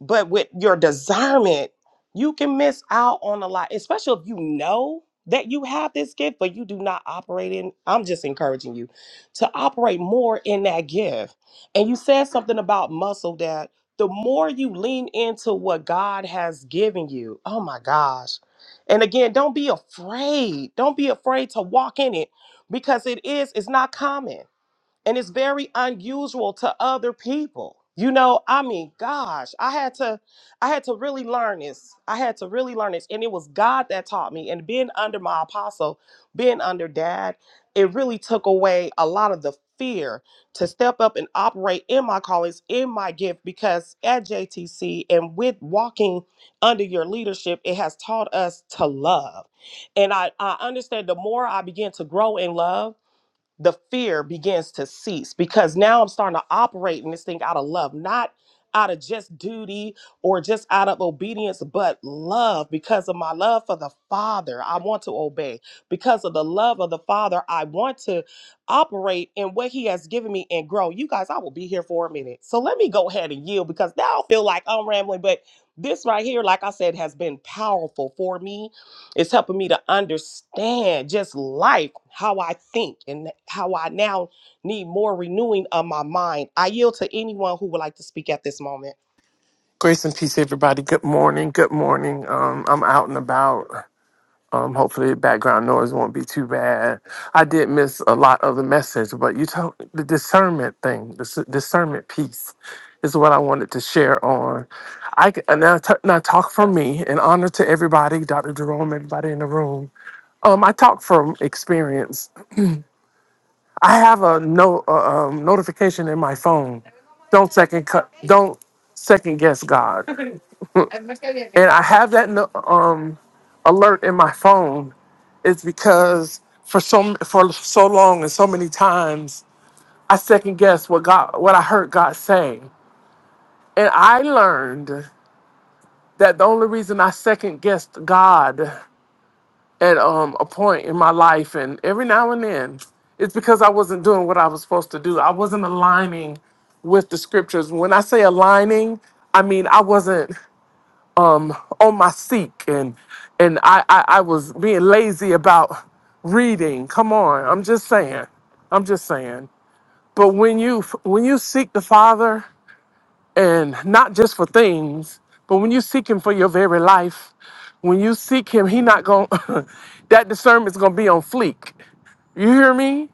A: But with your discernment, you can miss out on a lot, especially if you know that you have this gift, but you do not operate in. I'm just encouraging you to operate more in that gift. And you said something about muscle that the more you lean into what God has given you, oh my gosh. And again, don't be afraid. Don't be afraid to walk in it because it is, it's not common and it's very unusual to other people you know i mean gosh i had to i had to really learn this i had to really learn this and it was god that taught me and being under my apostle being under dad it really took away a lot of the fear to step up and operate in my callings in my gift because at jtc and with walking under your leadership it has taught us to love and i i understand the more i begin to grow in love the fear begins to cease because now I'm starting to operate in this thing out of love, not out of just duty or just out of obedience, but love because of my love for the Father. I want to obey. Because of the love of the Father, I want to operate in what He has given me and grow. You guys, I will be here for a minute. So let me go ahead and yield because now I feel like I'm rambling, but this right here, like I said, has been powerful for me it's helping me to understand just life, how I think, and how I now need more renewing of my mind. I yield to anyone who would like to speak at this moment.
H: Grace and peace, everybody. Good morning. Good morning. Um, I'm out and about. Um, hopefully, the background noise won't be too bad. I did miss a lot of the message, but you told the discernment thing, the s- discernment piece, is what I wanted to share on. I c- and now, t- now talk from me in honor to everybody, Dr. Jerome, everybody in the room. Um, I talk from experience. I have a no uh, um, notification in my phone. Don't second cut. Don't second guess God and I have that no- um alert in my phone is because for so for so long and so many times I second guessed what God what I heard God say, and I learned that the only reason I second guessed God at um a point in my life and every now and then it's because I wasn't doing what I was supposed to do. I wasn't aligning with the scriptures. When I say aligning, I mean I wasn't. um on my seek and and I, I I was being lazy about reading. Come on, I'm just saying. I'm just saying. But when you when you seek the Father and not just for things, but when you seek him for your very life, when you seek him, he not going that discernment's going to be on fleek. You hear me?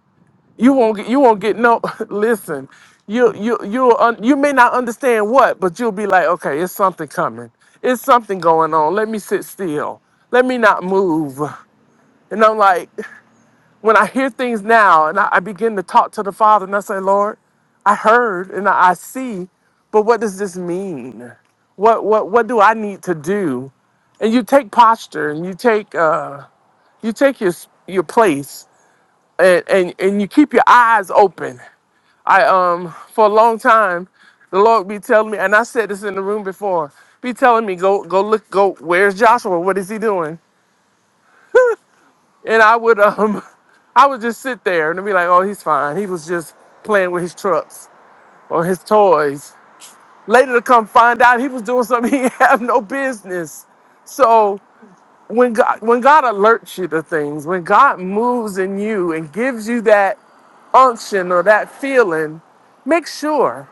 H: You won't get. You won't get no. Listen, you you you un, you may not understand what, but you'll be like, okay, it's something coming. It's something going on. Let me sit still. Let me not move. And I'm like, when I hear things now, and I, I begin to talk to the Father, and I say, Lord, I heard and I, I see, but what does this mean? What what what do I need to do? and you take posture and you take uh you take your your place and and, and you keep your eyes open I um for a long time, the Lord be telling me, and I said this in the room before, be telling me go go look go where's Joshua? What is he doing? And I would um I would just sit there and be like, oh he's fine. He was just playing with his trucks or his toys. Later to come find out he was doing something he have no business. So when God when God alerts you to things, when God moves in you and gives you that unction or that feeling, make sure.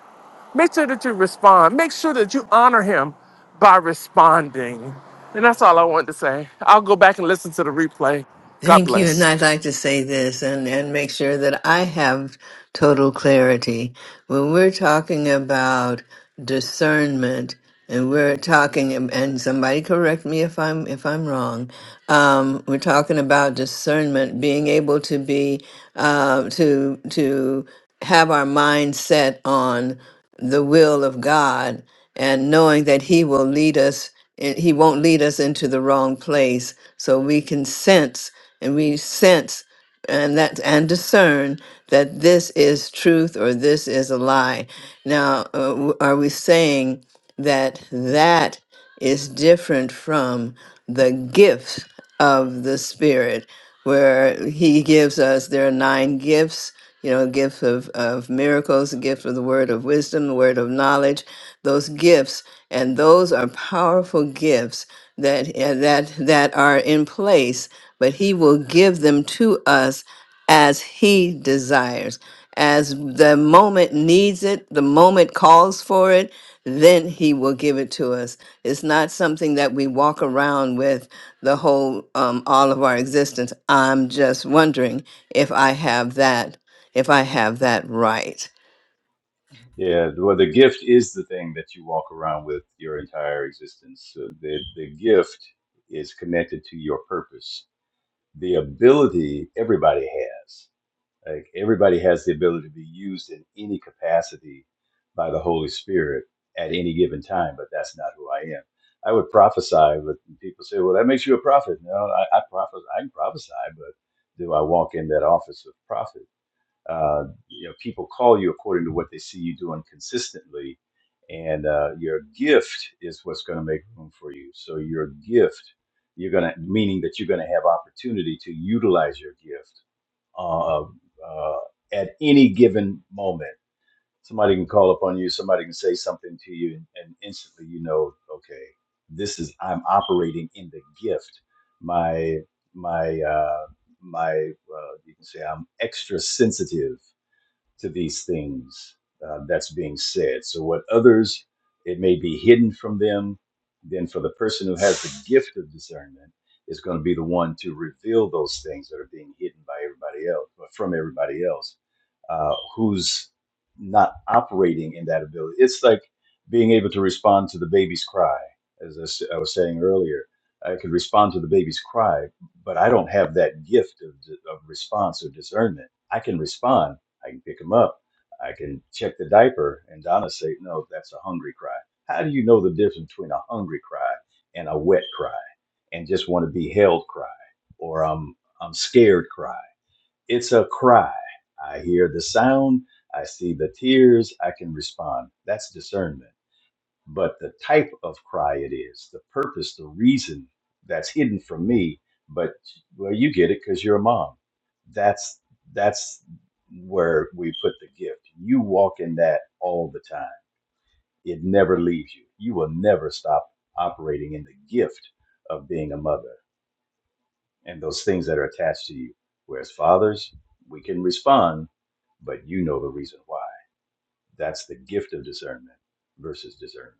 H: Make sure that you respond. Make sure that you honor him by responding. And that's all I wanted to say. I'll go back and listen to the replay. God
F: Thank you. And
H: bless.
F: I'd like to say this and, and make sure that I have total clarity. When we're talking about discernment and we're talking and somebody correct me if I'm if I'm wrong. Um, we're talking about discernment, being able to be uh, to to have our mind set on the will of God and knowing that He will lead us, he won't lead us into the wrong place. So we can sense and we sense and that and discern that this is truth or this is a lie. Now, uh, w- are we saying that that is different from the gift of the Spirit, where He gives us there are nine gifts? you know, a gift of, of miracles, a gift of the word of wisdom, the word of knowledge, those gifts. And those are powerful gifts that, eh, that, that are in place, but he will give them to us as he desires. As the moment needs it, the moment calls for it, then he will give it to us. It's not something that we walk around with the whole, um, all of our existence. I'm just wondering if I have that if I have that right.
D: Yeah, well, the gift is the thing that you walk around with your entire existence. So the the gift is connected to your purpose. The ability everybody has. Like everybody has the ability to be used in any capacity by the Holy Spirit at any given time, but that's not who I am. I would prophesy, but people say, "Well, that makes you a prophet." No, I, I prophesy. I can prophesy, but do I walk in that office of prophet? Uh, you know, people call you according to what they see you doing consistently, and uh, your gift is what's going to make room for you. So your gift, you're going to meaning that you're going to have opportunity to utilize your gift uh, uh, at any given moment. Somebody can call upon you, somebody can say something to you, and, and instantly you know, okay, this is I'm operating in the gift. My my uh, my uh, you can say I'm extra sensitive to these things uh, that's being said. So, what others, it may be hidden from them, then for the person who has the gift of discernment, is going to be the one to reveal those things that are being hidden by everybody else, but from everybody else uh, who's not operating in that ability. It's like being able to respond to the baby's cry, as I s- I was saying earlier. I could respond to the baby's cry, but I don't have that gift of, of response or discernment. I can respond, I can pick them up. I can check the diaper. And Donna say, no, that's a hungry cry. How do you know the difference between a hungry cry and a wet cry and just want to be held cry or um, I'm scared cry? It's a cry. I hear the sound. I see the tears. I can respond. That's discernment but the type of cry it is, the purpose, the reason that's hidden from me. But well, you get it because you're a mom. That's that's where we put the gift. You walk in that all the time. It never leaves you. You will never stop operating in the gift of being a mother and those things that are attached to you. Whereas fathers, we can respond, but you know the reason why. That's the gift of discernment versus discernment.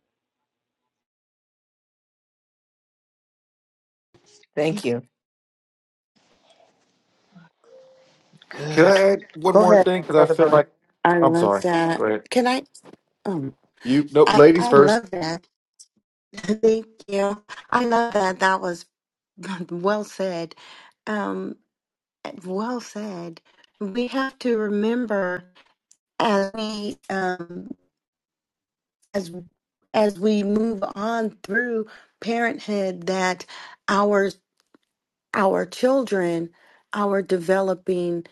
F: Thank you.
G: Can I
A: Good.
G: add one
A: Go
G: more
A: ahead,
G: thing? Because I
A: Brother
G: feel
A: Brian.
G: like
C: I
G: I'm
C: love
G: sorry. Go
C: that.
G: ahead.
C: Can I? Um,
G: You nope,
C: I
G: ladies
C: I
G: first.
C: love that. Thank you. I love that. That was well said. Um, well said. We have to remember as we um as as we move on through parenthood that our our children are developing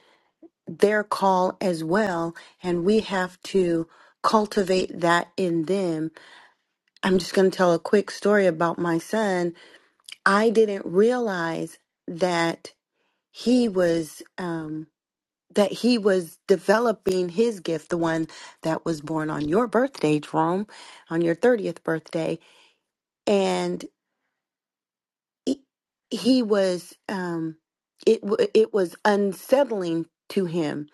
C: their call as well, and we have to cultivate that in them I'm just going to tell a quick story about my son. I didn't realize that he was um, that he was developing his gift, the one that was born on your birthday, Jerome, on your thirtieth birthday, and he, he was um, it w- it was unsettling to him,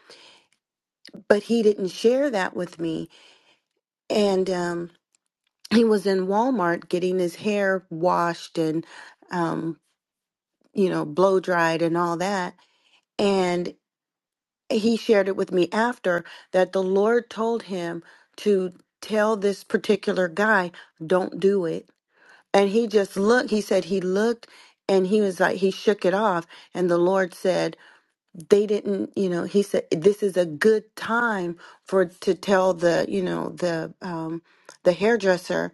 C: but he didn't share that with me, and um, he was in Walmart getting his hair washed and. Um, you know, blow dried and all that. And he shared it with me after that the Lord told him to tell this particular guy, don't do it. And he just looked, he said he looked and he was like, he shook it off. And the Lord said, they didn't, you know, he said, this is a good time for to tell the, you know, the, um, the hairdresser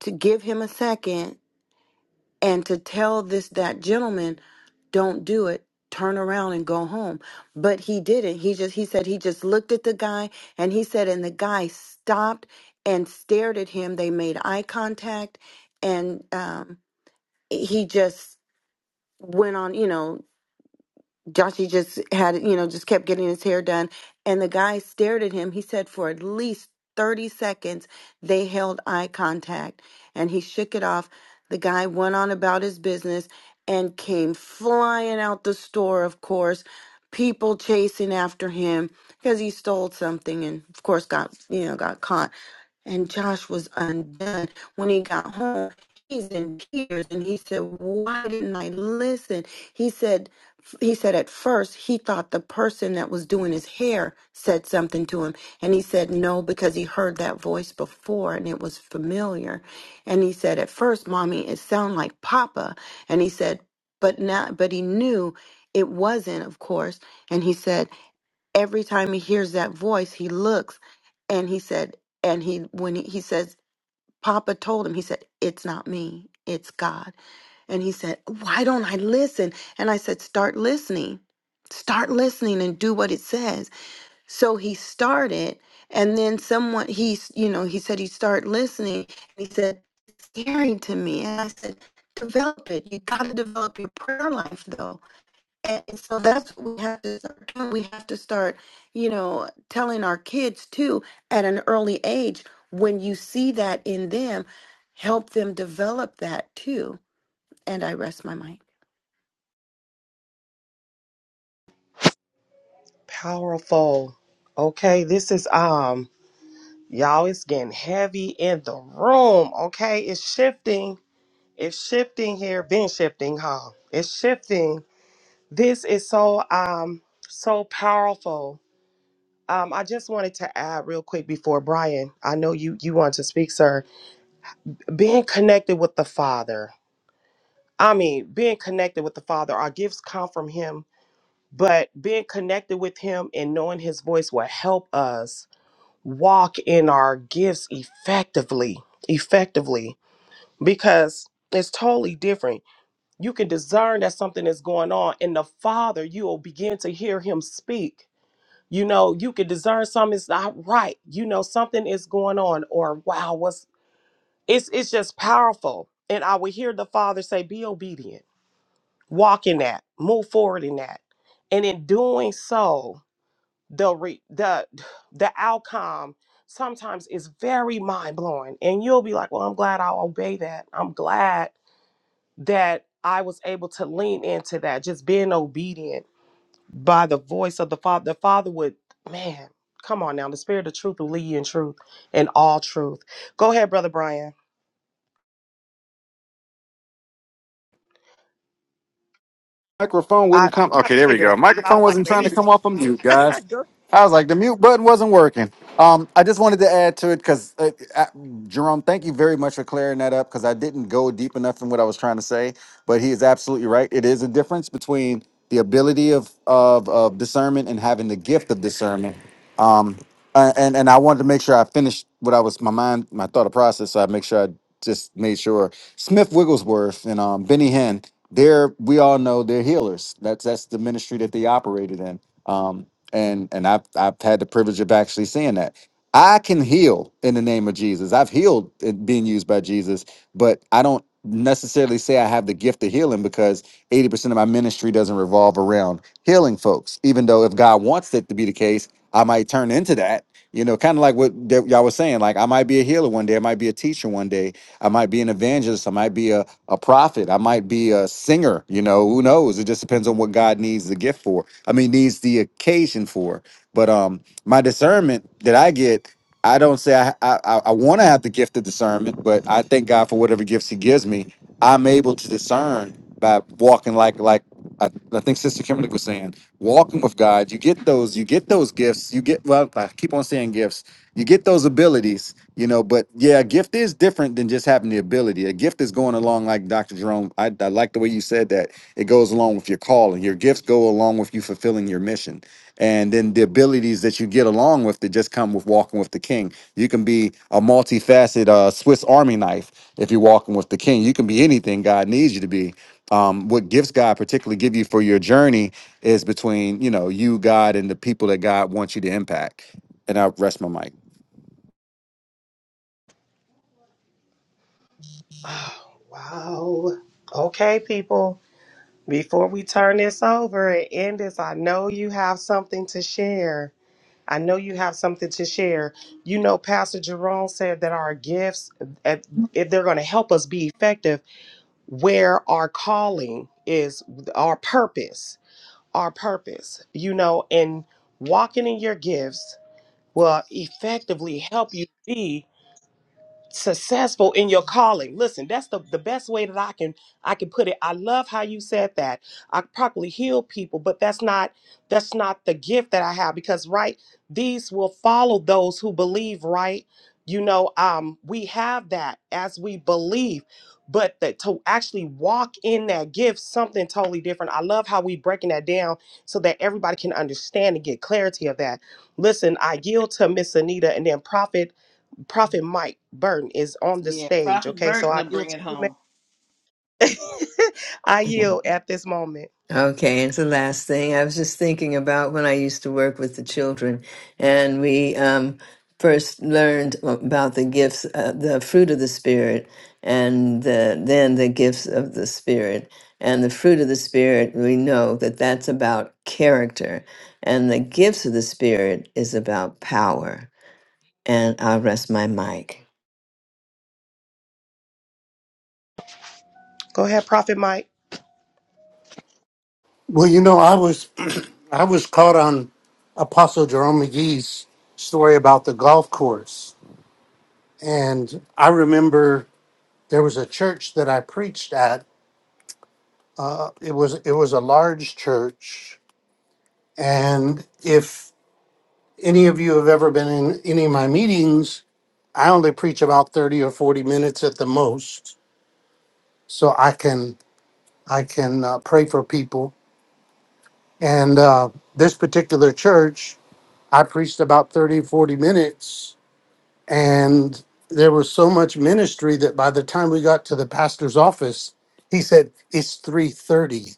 C: to give him a second and to tell this that gentleman don't do it turn around and go home but he didn't he just he said he just looked at the guy and he said and the guy stopped and stared at him they made eye contact and um he just went on you know Joshy just had, you know, just kept getting his hair done. And the guy stared at him. He said for at least 30 seconds, they held eye contact and he shook it off. The guy went on about his business and came flying out the store, of course, people chasing after him because he stole something and, of course, got, you know, got caught. And Josh was undone when he got home he's in tears and he said why didn't i listen he said he said at first he thought the person that was doing his hair said something to him and he said no because he heard that voice before and it was familiar and he said at first mommy it sounded like papa and he said but now but he knew it wasn't of course and he said every time he hears that voice he looks and he said and he when he, he says Papa told him, he said, It's not me, it's God. And he said, Why don't I listen? And I said, Start listening. Start listening and do what it says. So he started, and then someone, he's, you know, he said, He started listening. And he said, It's scary to me. And I said, Develop it. You got to develop your prayer life, though and so that's what we have to start doing. We have to start, you know, telling our kids too at an early age when you see that in them, help them develop that too. And I rest my mind.
A: Powerful. Okay, this is um y'all it's getting heavy in the room. Okay, it's shifting. It's shifting here. Been shifting, huh? It's shifting. This is so um so powerful Um, I just wanted to add real quick before Brian. I know you you want to speak, sir. Being connected with the Father. I mean, being connected with the Father. Our gifts come from Him, but being connected with Him and knowing His voice will help us walk in our gifts effectively. Effectively, because it's totally different. You can discern that something is going on, in the Father, you will begin to hear Him speak you know you could discern something's not right you know something is going on or wow what's it's it's just powerful and i would hear the father say be obedient walk in that move forward in that and in doing so the re- the the outcome sometimes is very mind-blowing and you'll be like well i'm glad i'll obey that i'm glad that i was able to lean into that just being obedient by the voice of the Father. The Father would, man, come on now. The Spirit of truth will lead you in truth and all truth. Go ahead, Brother Brian.
G: Microphone
A: I,
G: wouldn't
A: I
G: come.
A: kind of
G: Okay, there we
A: figured
G: go.
A: that. I was
G: Microphone
A: like,
G: wasn't trying to
A: baby,
G: come off of mute, guys.
A: go.
G: I was like, the mute button wasn't working. Um, I just wanted to add to it because uh, uh, Jerome, thank you very much for clearing that up because I didn't go deep enough in what I was trying to say. But he is absolutely right. It is a difference between the ability of of, of discernment and having the gift of discernment. Um uh, and and I wanted to make sure I finished what I was my mind my thought process. So I make sure I just made sure Smith Wigglesworth and um, Benny Hinn. They're we all know they're healers. That's that's the ministry that they operated in. Um, and and I've I've had the privilege of actually seeing that. I can heal in the name of Jesus. I've healed it being used by Jesus, but I don't necessarily say I have the gift of healing because 80% of my ministry doesn't revolve around healing folks. Even though if God wants it to be the case, I might turn into that you know, kind of like what that y'all was saying. Like, I might be a healer one day. I might be a teacher one day. I might be an evangelist. I might be a, a prophet. I might be a singer. You know, who knows? It just depends on what God needs the gift for. I mean, needs the occasion for. But um, my discernment that I get, I don't say I I, I I want to have the gift of discernment, but I thank God for whatever gifts He gives me. I'm able to discern by walking like like I, I think Sister Kimberly was saying, walking with God, you get those, you get those gifts, you get well, I keep on saying gifts, you get those abilities, you know, but yeah, a gift is different than just having the ability. A gift is going along like Dr. Jerome. I, I like the way you said that. It goes along with your calling. Your gifts go along with you fulfilling your mission. And then the abilities that you get along with that just come with walking with the king. You can be a multifaceted uh, Swiss Army knife if you're walking with the king. You can be anything God needs you to be um, what gifts God particularly give you for your journey is between you know you, God, and the people that God wants you to impact. And I rest my mic.
A: Wow. Okay, people. Before we turn this over and end this, I know you have something to share. I know you have something to share. You know, Pastor Jerome said that our gifts, if if they're going to help us be effective, where our calling is, our purpose our purpose, you know, and walking in your gifts will effectively help you be successful in your calling listen that's the, the best way that i can i can put it i love how you said that i probably heal people but that's not that's not the gift that i have because right these will follow those who believe right you know um we have that as we believe but that to actually walk in that gift something totally different i love how we breaking that down so that everybody can understand and get clarity of that listen i yield to miss anita and then prophet Prophet Mike Burton is on the
B: Yeah,
A: stage.
B: Prophet
A: Okay, so
B: Burton
A: I
B: will
A: yield
B: bring
A: to
B: it
A: you,
B: home.
A: man. I yield at this moment.
F: Okay, and the last thing I was just thinking about when I used to work with the children, and we um, first learned about the gifts, uh, the fruit of the spirit, and the, then the gifts of the spirit. And the fruit of the spirit, we know that that's about character, and the gifts of the spirit is about power. And I'll rest my mic.
A: Go ahead, Prophet Mike.
I: Well, you know, I was I was caught on Apostle Jerome McGee's story about the golf course, and I remember there was a church that I preached at. It was it was a large church, and if any of you have ever been in any of my meetings, I only preach about thirty or forty minutes at the most, so I can I can uh, pray for people. And uh, this particular church, I preached about 30 40 minutes And there was so much ministry that by the time we got to the pastor's office, he said, It's 3:30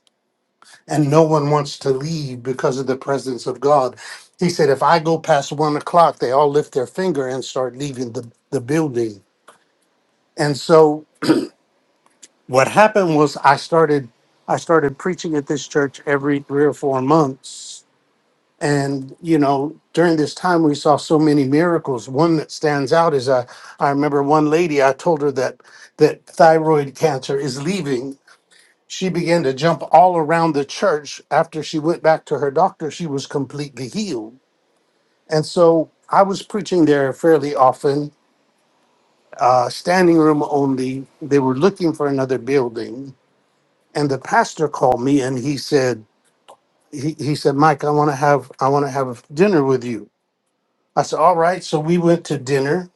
I: and no one wants to leave because of the presence of God. He said, if I go past one o'clock, they all lift their finger and start leaving the, the building. And so what happened was I started I started preaching at this church every three or four months And, you know, during this time, we saw so many miracles. One that stands out is I, I remember one lady, I told her that, that thyroid cancer is leaving. She began to jump all around the church. After she went back to her doctor, she was completely healed. And so I was preaching there fairly often, uh, standing room only. They were looking for another building. And the pastor called me and he said, he, he said, Mike, I want to have I want to have dinner with you. I said, All right. So we went to dinner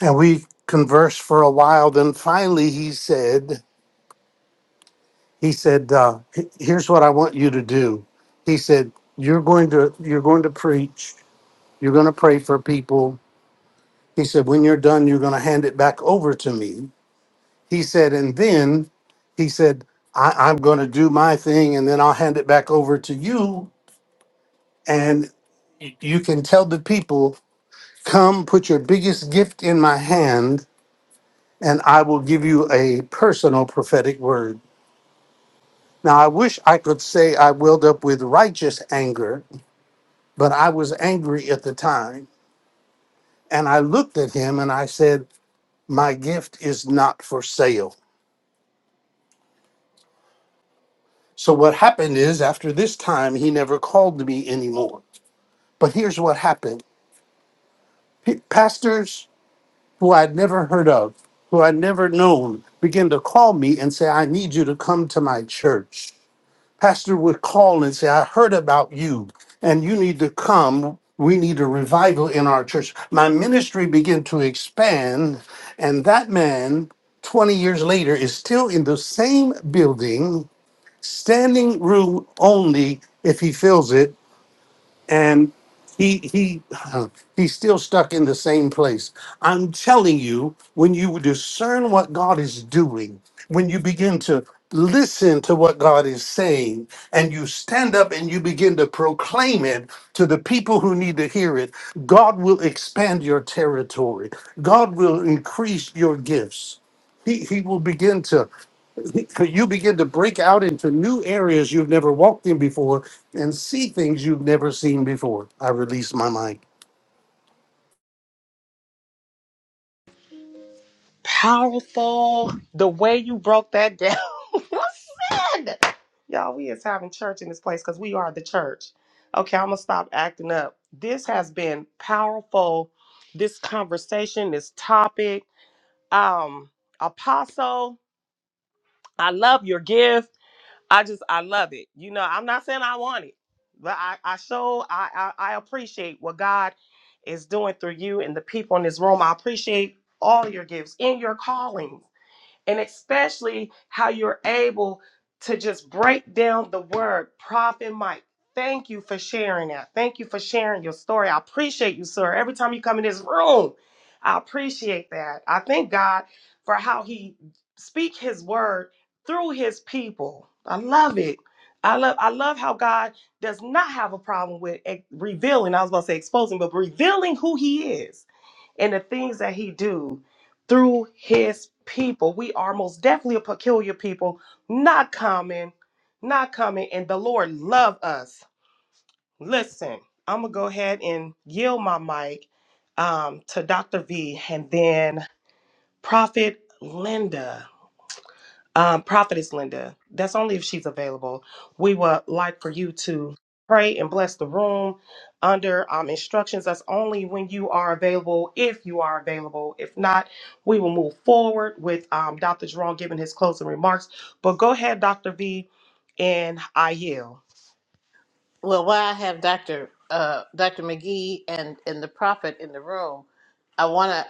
I: and we conversed for a while. Then finally he said, he said, uh, "H- here's what I want you to do. He said, You're going to you're going to preach, you're going to pray for people. He said, When you're done, you're going to hand it back over to me. He said, and then he said, I, I'm going to do my thing and then I'll hand it back over to you. And you can tell the people, come put your biggest gift in my hand and I will give you a personal prophetic word. Now, I wish I could say I welled up with righteous anger, but I was angry at the time. And I looked at him and I said, My gift is not for sale. So, what happened is, after this time, he never called me anymore. But here's what happened P- pastors who I'd never heard of, who I'd never known, began to call me and say, I need you to come to my church. pastor would call and say, I heard about you and you need to come. We need a revival in our church. My ministry began to expand, and that man, 20 years later, is still in the same building, standing room only if he fills it and he he he's still stuck in the same place i'm telling you when you discern what god is doing when you begin to listen to what god is saying and you stand up and you begin to proclaim it to the people who need to hear it god will expand your territory god will increase your gifts he, he will begin to so you begin to break out into new areas you've never walked in before and see things you've never seen before. I release my mic.
A: Powerful. The way you broke that down. Listen, y'all, we is having church in this place because we are the church. Okay, I'm gonna stop acting up. This has been powerful. This conversation, this topic. Um, Apostle, I love your gift I just I love it. You know, I'm not saying I want it, but I I show I I, I appreciate what God is doing through you and the people in this room. I appreciate all your gifts in your calling and especially how you're able to just break down the word prophet Mike. Thank you for sharing that. Thank you for sharing your story. I appreciate you, sir. Every time you come in this room, I appreciate that. I thank God for how he speak his word through his people. I love it. I love I love how God does not have a problem with eh, revealing. I was about to say exposing, but revealing who he is and the things that he do through his people. We are most definitely a peculiar people, not common, not common, and the Lord love us. Listen, I'm gonna go ahead and yield my mic um, to Dr. V and then Prophet Linda. Um, Prophetess Linda, that's only if she's available. We would like for you to pray and bless the room under um, instructions. That's only when you are available, if you are available. If not, we will move forward with um, Dr. Jerome giving his closing remarks. But go ahead, Dr. V, and I yield.
B: Well, while I have Dr. Uh, Dr. McGee and, and the prophet in the room, I want to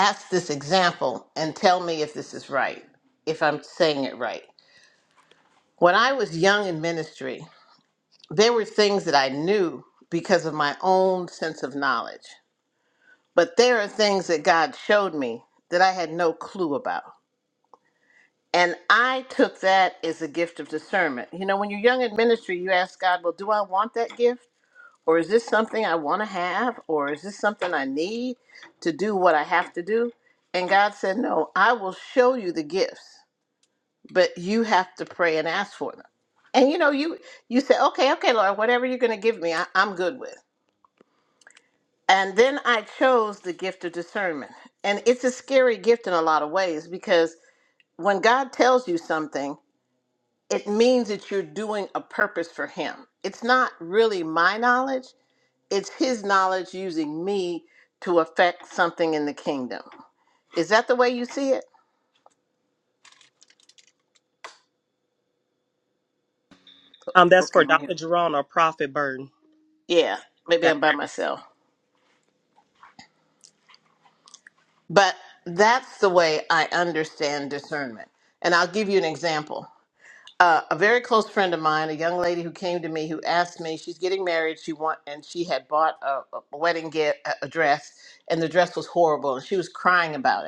B: ask this example and tell me if this is right, if I'm saying it right. When I was young in ministry, there were things that I knew because of my own sense of knowledge. But there are things that God showed me that I had no clue about. And I took that as a gift of discernment. You know, when you're young in ministry, you ask God, well, do I want that gift? Or is this something I want to have? Or is this something I need to do what I have to do? And God said, no, I will show you the gifts. but you have to pray and ask for them. And you know, you you say, okay, okay, Lord, whatever you're going to give me, I, I'm good with. And then I chose the gift of discernment, and it's a scary gift in a lot of ways because when God tells you something, it means that you're doing a purpose for Him. It's not really my knowledge; it's His knowledge using me to affect something in the kingdom. Is that the way you see it?
A: Um, that's
B: Okay,
A: for
B: I'm here.
A: Dr. Jerome or Prophet Burton.
B: Yeah, maybe
A: That
B: I'm by myself. But that's the way I understand discernment. And I'll give you an example. Uh, a very close friend of mine, a young lady who came to me, who asked me, she's getting married, she want, and she had bought a, a wedding get a a dress, and the dress was horrible, and she was crying about it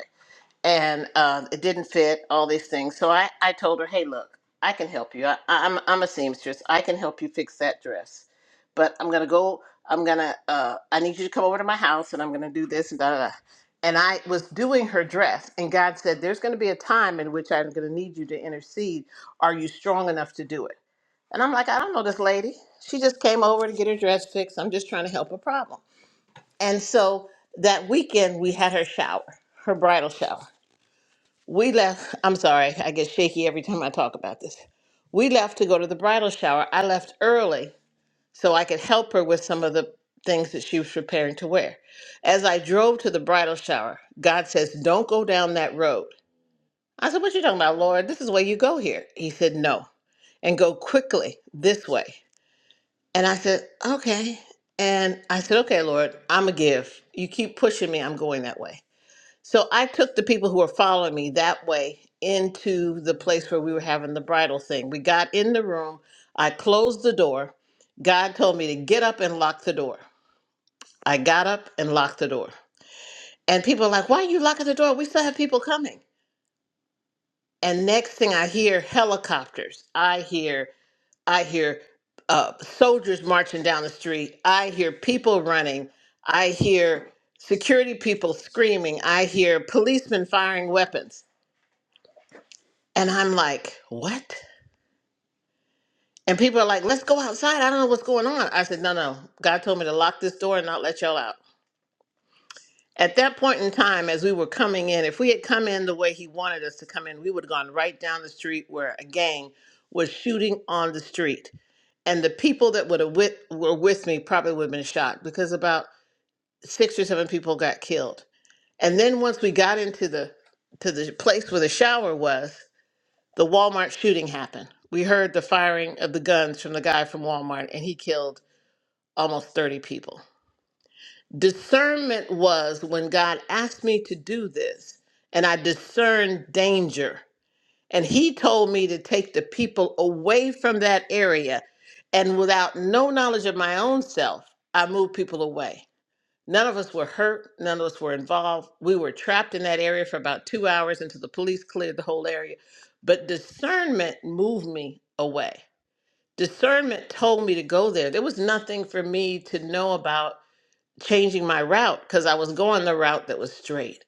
B: and uh, it didn't fit all these things so i, I told her hey look i can help you I, I'm, I'm a seamstress i can help you fix that dress but i'm gonna go i'm gonna uh, i need you to come over to my house and i'm gonna do this and da da da and i was doing her dress and god said there's gonna be a time in which i'm gonna need you to intercede are you strong enough to do it and i'm like i don't know this lady she just came over to get her dress fixed i'm just trying to help a problem and so that weekend we had her shower her bridal shower we left, I'm sorry, I get shaky every time I talk about this. We left to go to the bridal shower. I left early so I could help her with some of the things that she was preparing to wear. As I drove to the bridal shower, God says, Don't go down that road. I said, What you talking about, Lord? This is where you go here. He said, No, and go quickly this way. And I said, Okay. And I said, Okay, Lord, I'm going to give. You keep pushing me, I'm going that way. So I took the people who were following me that way into the place where we were having the bridal thing. We got in the room. I closed the door. God told me to get up and lock the door. I got up and locked the door. And people are like, why are you locking the door? We still have people coming. And next thing I hear helicopters. I hear, I hear uh, soldiers marching down the street. I hear people running. I hear security people screaming. I hear policemen firing weapons And I'm like, what? And people are like, let's go outside. I don't know what's going on. I said, no, no. God told me to lock this door and not let y'all out. At that point in time, as we were coming in, if we had come in the way he wanted us to come in, we would have gone right down the street where a gang was shooting on the street. And the people that would have with, were with me probably would have been shot because about six or seven people got killed. And then once we got into the to the place where the shower was, the Walmart shooting happened. We heard the firing of the guns from the guy from Walmart, and he killed almost 30 people. Discernment was when God asked me to do this, and I discerned danger. And he told me to take the people away from that area. And without no knowledge of my own self, I moved people away. None of us were hurt. None of us were involved. We were trapped in that area for about two hours until the police cleared the whole area. But discernment moved me away. Discernment told me to go there. There was nothing for me to know about changing my route because I was going the route that was straight.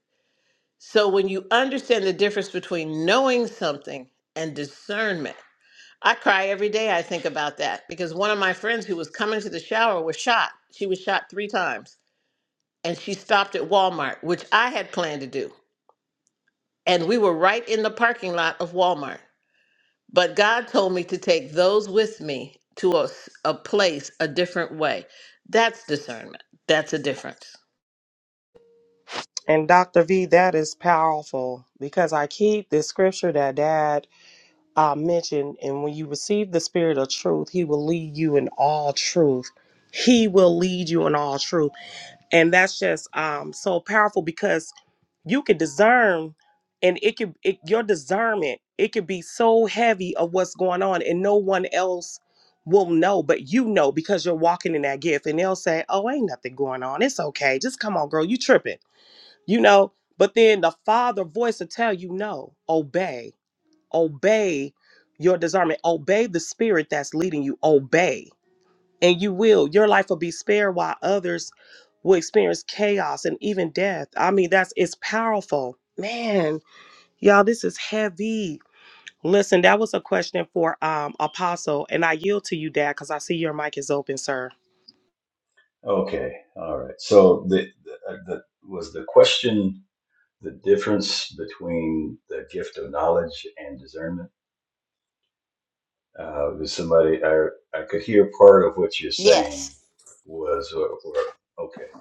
B: So when you understand the difference between knowing something and discernment, I cry every day I think about that because one of my friends who was coming to the shower was shot. She was shot three times and she stopped at Walmart, which I had planned to do. And we were right in the parking lot of Walmart. But God told me to take those with me to a, s- a place a different way. That's discernment. That's a difference.
A: And Dr. V, that is powerful because I keep this scripture that dad I mentioned, and when you receive the spirit of truth, he will lead you in all truth. He will lead you in all truth. And that's just um so powerful because you can discern and it could it, your discernment, it could be so heavy of what's going on and no one else will know, but you know because you're walking in that gift and they'll say, Oh, ain't nothing going on. It's okay. Just come on, girl, you tripping. You know, but then the father voice will tell you no, obey obey your discernment obey the spirit that's leading you obey and you will your life will be spared while others will experience chaos and even death i mean that's it's powerful man y'all this is heavy listen that was a question for um apostle and i yield to you dad because i see your mic is open sir
D: Okay, all right. So the, the, uh, the was the question the difference between the gift of knowledge and discernment? Uh, was somebody I I could hear part of what you're saying
B: Yes.
D: was or, or okay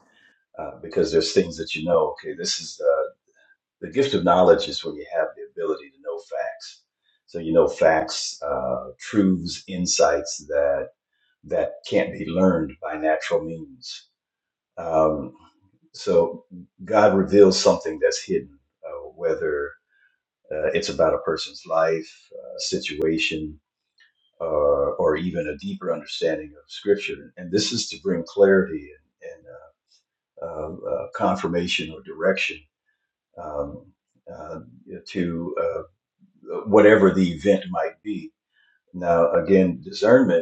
D: uh, because there's things that you know. Okay, this is uh, the gift of knowledge is when you have the ability to know facts. So you know facts, uh, truths, insights that that can't be learned by natural means Um, so God reveals something that's hidden, uh, whether uh, it's about a person's life, uh, situation, or, or even a deeper understanding of Scripture. And this is to bring clarity and, and uh, uh, uh, confirmation or direction um, uh, to uh, whatever the event might be. Now, again, discernment.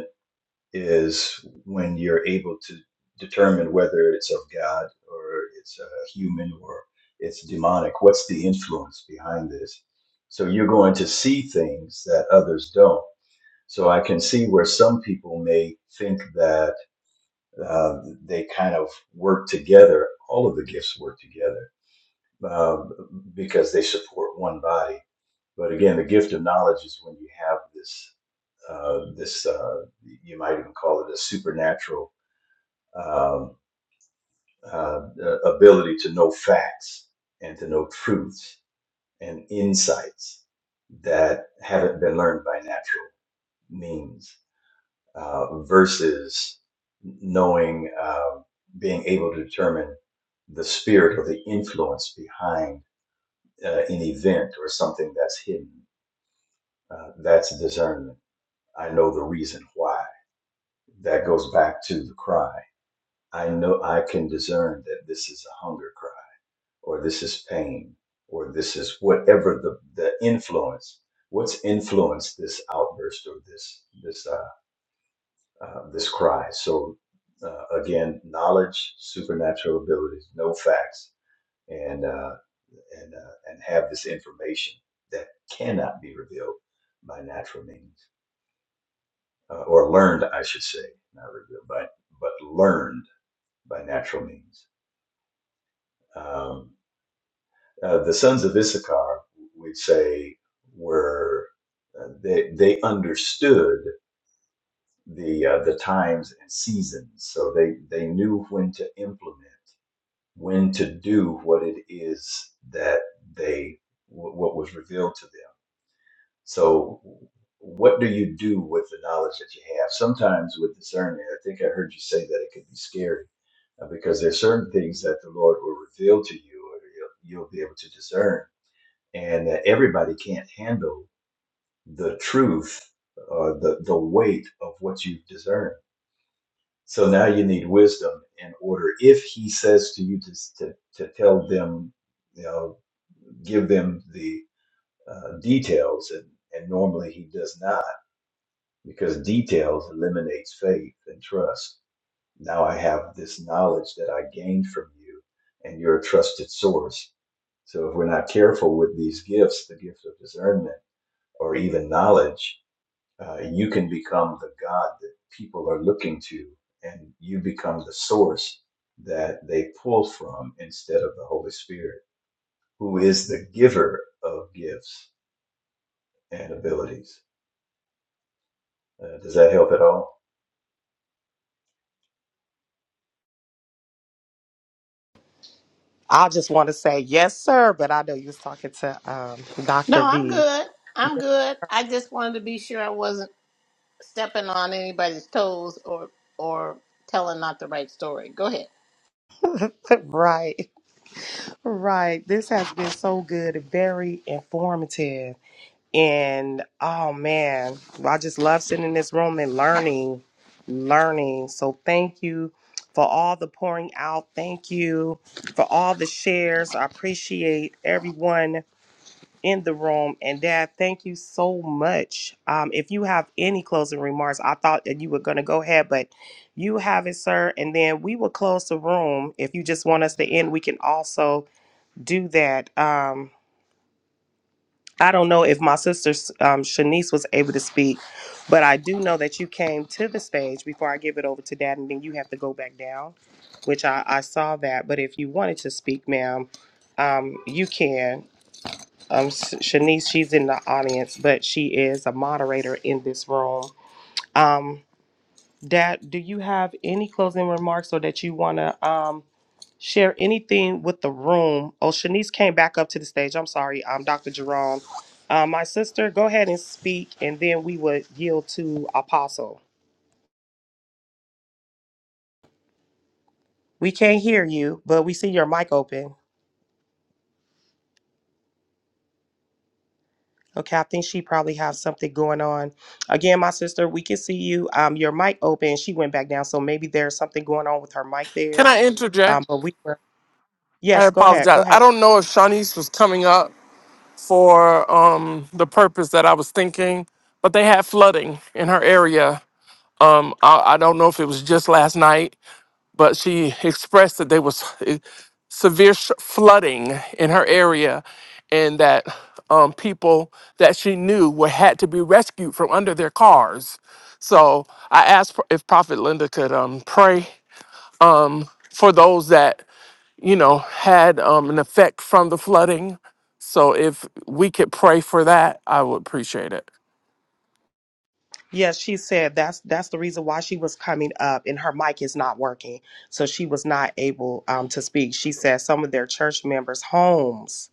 D: is when you're able to determine whether it's of God or it's uh, human or it's demonic. What's the influence behind this? So you're going to see things that others don't. So I can see where some people may think that uh, they kind of work together. All of the gifts work together uh, because they support one body. But again, the gift of knowledge is when you have this uh, this uh, you might even call it a supernatural um, uh, the ability to know facts and to know truths and insights that haven't been learned by natural means uh, versus knowing, um being able to determine the spirit or the influence behind uh, an event or something that's hidden. Uh, that's discernment. I know the reason why. That goes back to the cry. I know I can discern that this is a hunger cry. or this is pain, or this is whatever the, the influence. What's influenced this outburst or this this uh, uh, this cry? So uh, again, knowledge, supernatural abilities, no facts, and uh, and uh, and have this information that cannot be revealed by natural means uh, or learned, I should say, not revealed, but but learned by natural means. Um, Uh, the sons of Issachar, we'd say, were uh, they they understood the uh, the times and seasons, so they they knew when to implement, when to do what it is that they wh- what was revealed to them. So, what do you do with the knowledge that you have? Sometimes with discernment, I think I heard you say that it could be scary uh, because there's certain things that the Lord will reveal to you, or you'll, you'll be able to discern and that everybody can't handle the truth or the, the weight of what you've discerned. So now you need wisdom in order. If he says to you to, to, to tell them, you know, give them the uh, details, and, and normally he does not, because details eliminates faith and trust. Now I have this knowledge that I gained from you, and you're a trusted source. So if we're not careful with these gifts, the gift of discernment, or even knowledge, uh, you can become the God that people are looking to, and you become the source that they pull from instead of the Holy Spirit, who is the giver of gifts and abilities. Uh, does that help at all?
A: i just want to say yes sir but i know you was talking to um
B: No,
A: dr
B: I'm
A: v
B: good. I'm good. I just wanted to be sure I wasn't stepping on anybody's toes or or telling not the right story. Go ahead.
A: right, right. This has been so good, very informative. And oh man, I just love sitting in this room and learning, learning. So thank you for all the pouring out. Thank you for all the shares. I appreciate everyone in the room. And Dad, thank you so much. Um, if you have any closing remarks, I thought that you were going to go ahead, but you have it, sir. And then we will close the room. If you just want us to end, we can also do that. Um, I don't know if my sister um, Shanice was able to speak, but I do know that you came to the stage before I give it over to Dad, and then you have to go back down, which I, I saw that. But if you wanted to speak, ma'am, um, you can. Um, Sh- Shanice, she's in the audience, but she is a moderator in this room. Um, Dad, do you have any closing remarks or that you want to um, share anything with the room? Oh, Shanice came back up to the stage. I'm sorry, um, Dr. Jerome. Uh, my sister, go ahead and speak, and then we would yield to Apostle. We can't hear you, but we see your mic open. Okay, I think she probably has something going on. Again, my sister, we can see you. Um, your mic open. She went back down, so maybe there's something going on with her mic
H: Can
A: there.
H: I interject?
A: Um, but we were.
H: I
A: Yes, go ahead. Go
H: apologize. I
A: ahead.
H: don't know if Shawnee's was coming up for um, the purpose that I was thinking, but they had flooding in her area. Um, I, I don't know if it was just last night but she expressed that there was eh, severe sh- flooding in her area and that um, people that she knew were had to be rescued from under their cars. So I asked pro- if Prophet Linda could um, pray um, for those that you know had um, an effect from the flooding. So if we could pray for that, I would appreciate it.
A: Yes, she said that's that's the reason why she was coming up, and her mic is not working, so she was not able um, to speak. She said some of their church members' homes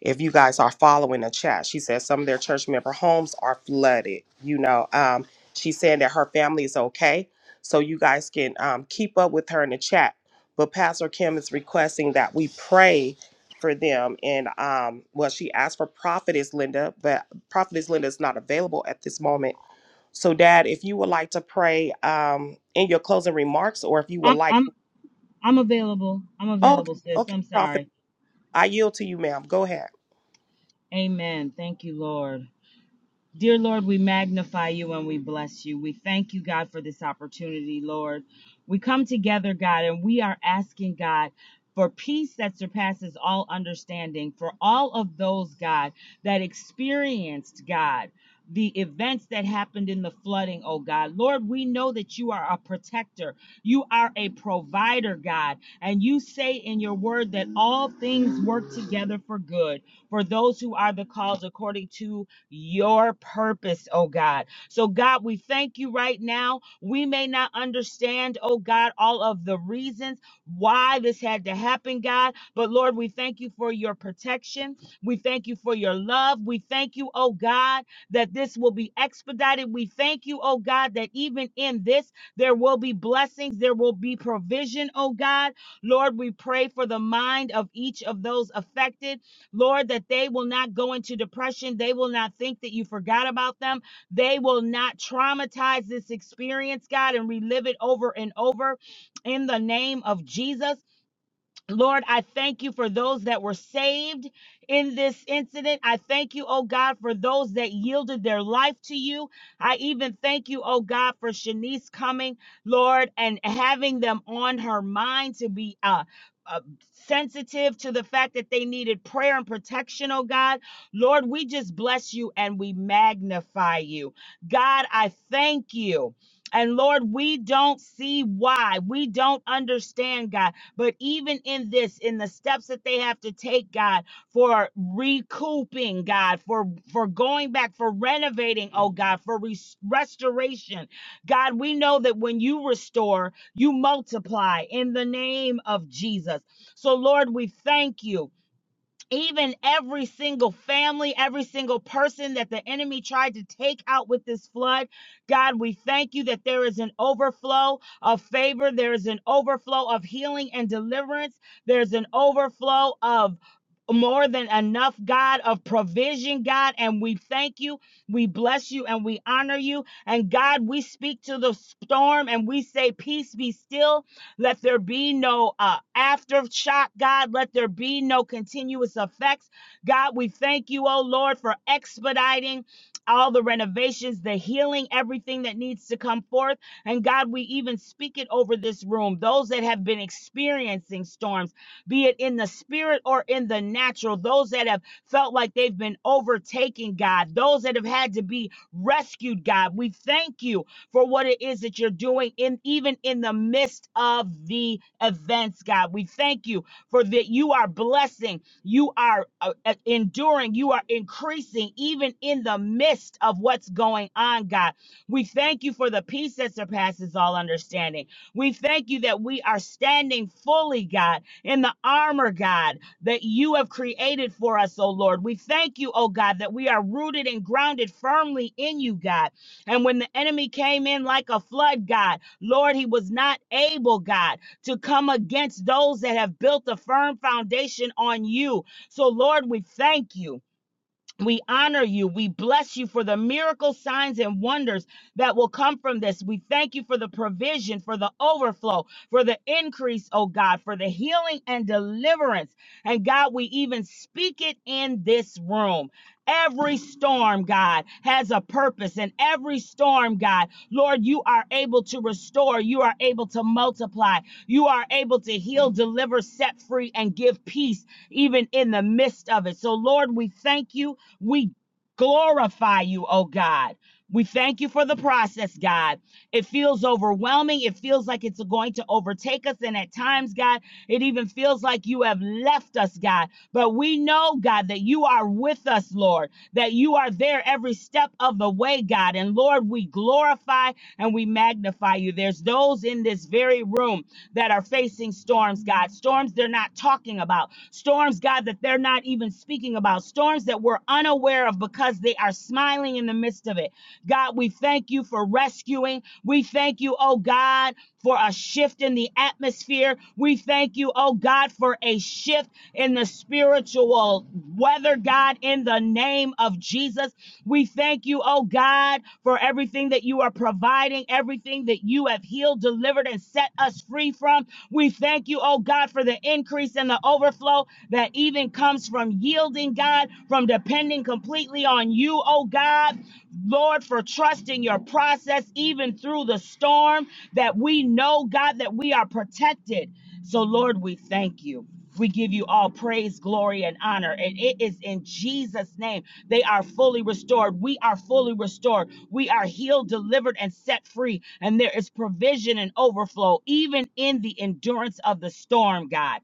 A: if you guys are following the chat. She said some of their church member homes are flooded. You know, um, she's saying that her family is okay. So you guys can um, keep up with her in the chat. But Pastor Kim is requesting that we pray for them. And um, well, she asked for Prophetess Linda, but Prophetess Linda is not available at this moment. So, Dad, if you would like to pray um, in your closing remarks, or if you would
J: I'm
A: like,
J: I'm I'm available. I'm
A: okay,
J: available, sis.
A: okay,
J: I'm
A: Prophet,
J: sorry.
A: I yield to you, ma'am. Go ahead.
J: Amen. Thank you, Lord. Dear Lord, we magnify you and we bless you. We thank you, God, for this opportunity, Lord. We come together, God, and we are asking, God, for peace that surpasses all understanding, for all of those, God, that experienced, God, the events that happened in the flooding, oh God. Lord, we know that you are a protector. You are a provider, God. And you say in your word that all things work together for good for those who are the called according to your purpose, oh God. So, God, we thank you right now. We may not understand, oh God, all of the reasons why this had to happen, God, but Lord, we thank you for your protection. We thank you for your love. We thank you, oh God, that this will be expedited. We thank you, oh God, that even in this, there will be blessings, there will be provision, oh God. Lord, we pray for the mind of each of those affected. Lord, that they will not go into depression. They will not think that you forgot about them. They will not traumatize this experience, God, and relive it over and over in the name of Jesus. Lord, I thank you for those that were saved in this incident. I thank you, oh God, for those that yielded their life to you. I even thank you, oh God, for Shanice coming, Lord, and having them on her mind to be uh, uh, sensitive to the fact that they needed prayer and protection, oh God. Lord, we just bless you and we magnify you. God, I thank you. And Lord, we don't see why. We don't understand, God but even in this, in the steps that they have to take, God, for recouping, God, for for going back, for renovating, oh God, for res- restoration. God, we know that when you restore, you multiply in the name of Jesus. So Lord, we thank you even every single family, every single person that the enemy tried to take out with this flood. God, we thank you that there is an overflow of favor, there is an overflow of healing and deliverance, there's an overflow of more than enough, God, of provision, God. And we thank you, we bless you, and we honor you. And God, we speak to the storm and we say, Peace be still let there be no uh, aftershock, God. Let there be no continuous effects. God, we thank you, oh Lord, for expediting all the renovations, the healing, everything that needs to come forth. And God, we even speak it over this room. Those that have been experiencing storms, be it in the spirit or in the natural, those that have felt like they've been overtaken, God, those that have had to be rescued, God, we thank you for what it is that you're doing in even in the midst of the events, God. We thank you for that you are blessing, you are uh, uh, enduring, you are increasing even in the midst of what's going on, God. We thank you for the peace that surpasses all understanding. We thank you that we are standing fully, God, in the armor, God, that you have created for us, oh Lord. We thank you, oh God, that we are rooted and grounded firmly in you, God. And when the enemy came in like a flood, God, Lord, he was not able, God, to come against those that have built a firm foundation on you. So, Lord, we thank you. We honor you. We bless you for the miracle signs and wonders that will come from this. We thank you for the provision, for the overflow, for the increase, oh God, for the healing and deliverance. And God, we even speak it in this room. Every storm, God, has a purpose. And every storm, God, Lord, you are able to restore. You are able to multiply. You are able to heal, deliver, set free, and give peace even in the midst of it. So, Lord, we thank you. We glorify you, oh God. We thank you for the process, God. It feels overwhelming. It feels like it's going to overtake us. And at times, God, it even feels like you have left us, God. But we know, God, that you are with us, Lord, that you are there every step of the way, God. And Lord, we glorify and we magnify you. There's those in this very room that are facing storms, God. Storms they're not talking about, storms, God, that they're not even speaking about, storms that we're unaware of because they are smiling in the midst of it. God, we thank you for rescuing. We thank you, oh God, for a shift in the atmosphere. We thank you, oh God, for a shift in the spiritual weather, God, in the name of Jesus. We thank you, oh God, for everything that you are providing, everything that you have healed, delivered, and set us free from. We thank you, oh God, for the increase and the overflow that even comes from yielding, God, from depending completely on you, oh God. Lord, for trusting your process, even through the storm, that we know, God, that we are protected. So, Lord, we thank you. We give you all praise, glory, and honor. And it is in Jesus' name. They are fully restored. We are fully restored. We are healed, delivered, and set free. And there is provision and overflow, even in the endurance of the storm, God.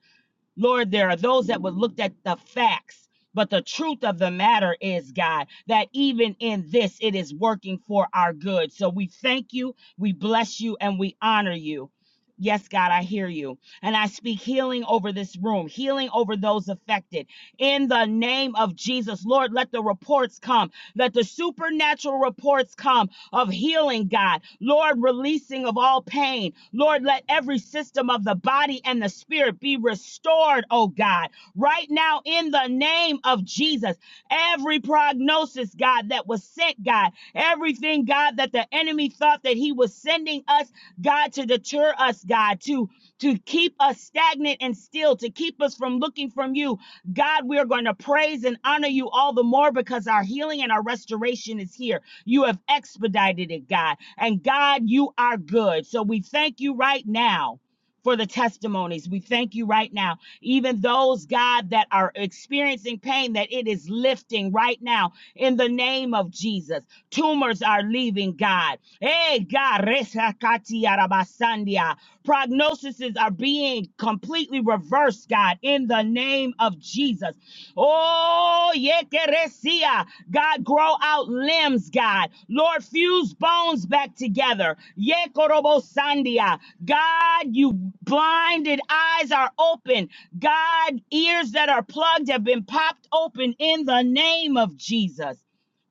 J: Lord, there are those that would look at the facts. But the truth of the matter is, God, that even in this, it is working for our good. So we thank you, we bless you, and we honor you. Yes, God, I hear you. And I speak healing over this room, healing over those affected. In the name of Jesus, Lord, let the reports come. Let the supernatural reports come of healing, God. Lord, releasing of all pain. Lord, let every system of the body and the spirit be restored, oh God. Right now, in the name of Jesus, every prognosis, God, that was sent, God, everything, God, that the enemy thought that he was sending us, God, to deter us, God, to to keep us stagnant and still, to keep us from looking from you. God, we are going to praise and honor you all the more because our healing and our restoration is here. You have expedited it, God. And God, you are good. So we thank you right now for the testimonies. We thank you right now. Even those, God, that are experiencing pain, that it is lifting right now in the name of Jesus. Tumors are leaving, God. Hey, God. resakati arabasandia. Prognoses are being completely reversed, God, in the name of Jesus. Oh, yekeresia. God, grow out limbs, God. Lord, fuse bones back together. Ye korobo Sandia. God, you blinded eyes are open. God, ears that are plugged have been popped open in the name of Jesus.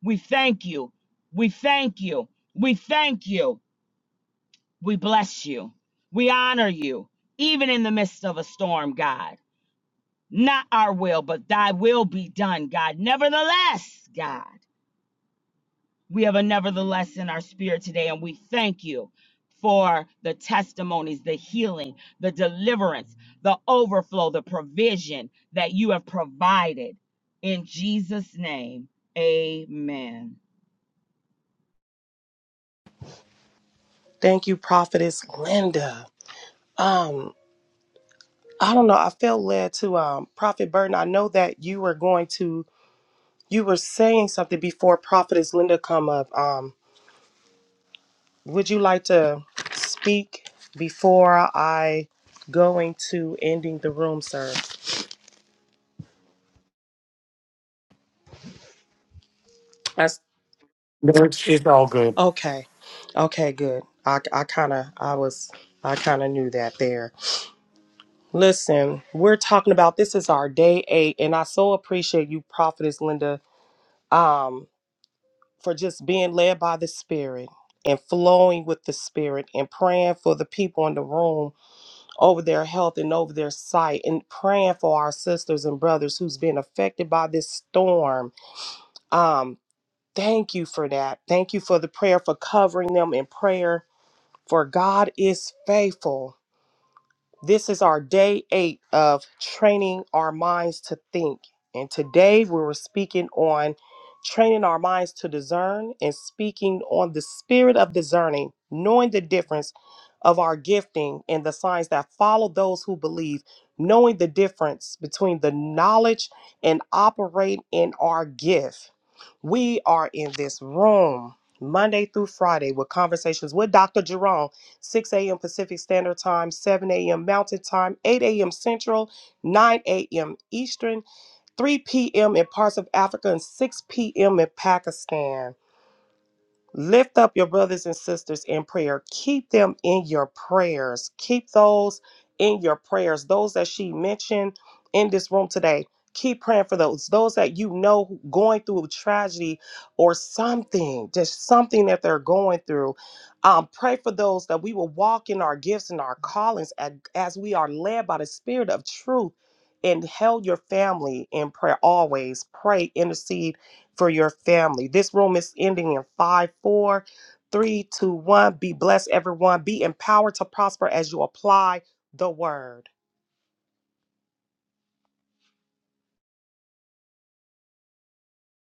J: We thank you. We thank you. We thank you. We bless you. We honor you, even in the midst of a storm, God. Not our will, but thy will be done, God. Nevertheless, God. We have a nevertheless in our spirit today, and we thank you for the testimonies, the healing, the deliverance, the overflow, the provision that you have provided. In Jesus' name, amen.
A: Thank you, Prophetess Linda. Um, I don't know. I felt led to um Prophet Burton. I know that you were going to you were saying something before Prophetess Linda come up. Um, would you like to speak before I go into ending the room, sir? That's
I: No, it's, it's all good.
A: okay. Okay, good. I I kind of I was I kind of knew that there. Listen, we're talking about this is our day eight, and I so appreciate you, Prophetess Linda. Um, for just being led by the Spirit and flowing with the Spirit and praying for the people in the room over their health and over their sight and praying for our sisters and brothers who's been affected by this storm. Um, thank you for that. Thank you for the prayer, for covering them in prayer, for God is faithful. This is our day eight of training our minds to think. And today we were speaking on training our minds to discern and speaking on the spirit of discerning, knowing the difference of our gifting and the signs that follow those who believe, knowing the difference between the knowledge and operate in our gift. We are in this room Monday through Friday with conversations with Dr. Jerome, 6 a.m. Pacific Standard Time, 7 a.m. Mountain Time, 8 a.m. Central, 9 a.m. Eastern, 3 p.m. in parts of Africa, and 6 p.m. in Pakistan. Lift up your brothers and sisters in prayer. Keep them in your prayers. Keep those in your prayers. Those that she mentioned in this room today. Keep praying for those. Those that you know going through a tragedy or something, just something that they're going through. Um, pray for those that we will walk in our gifts and our callings a- as we are led by the Spirit of truth. And held your family in prayer always. Pray, intercede for your family. This room is ending in five, four, three, two, one. Be blessed, everyone. Be empowered to prosper as you apply the word.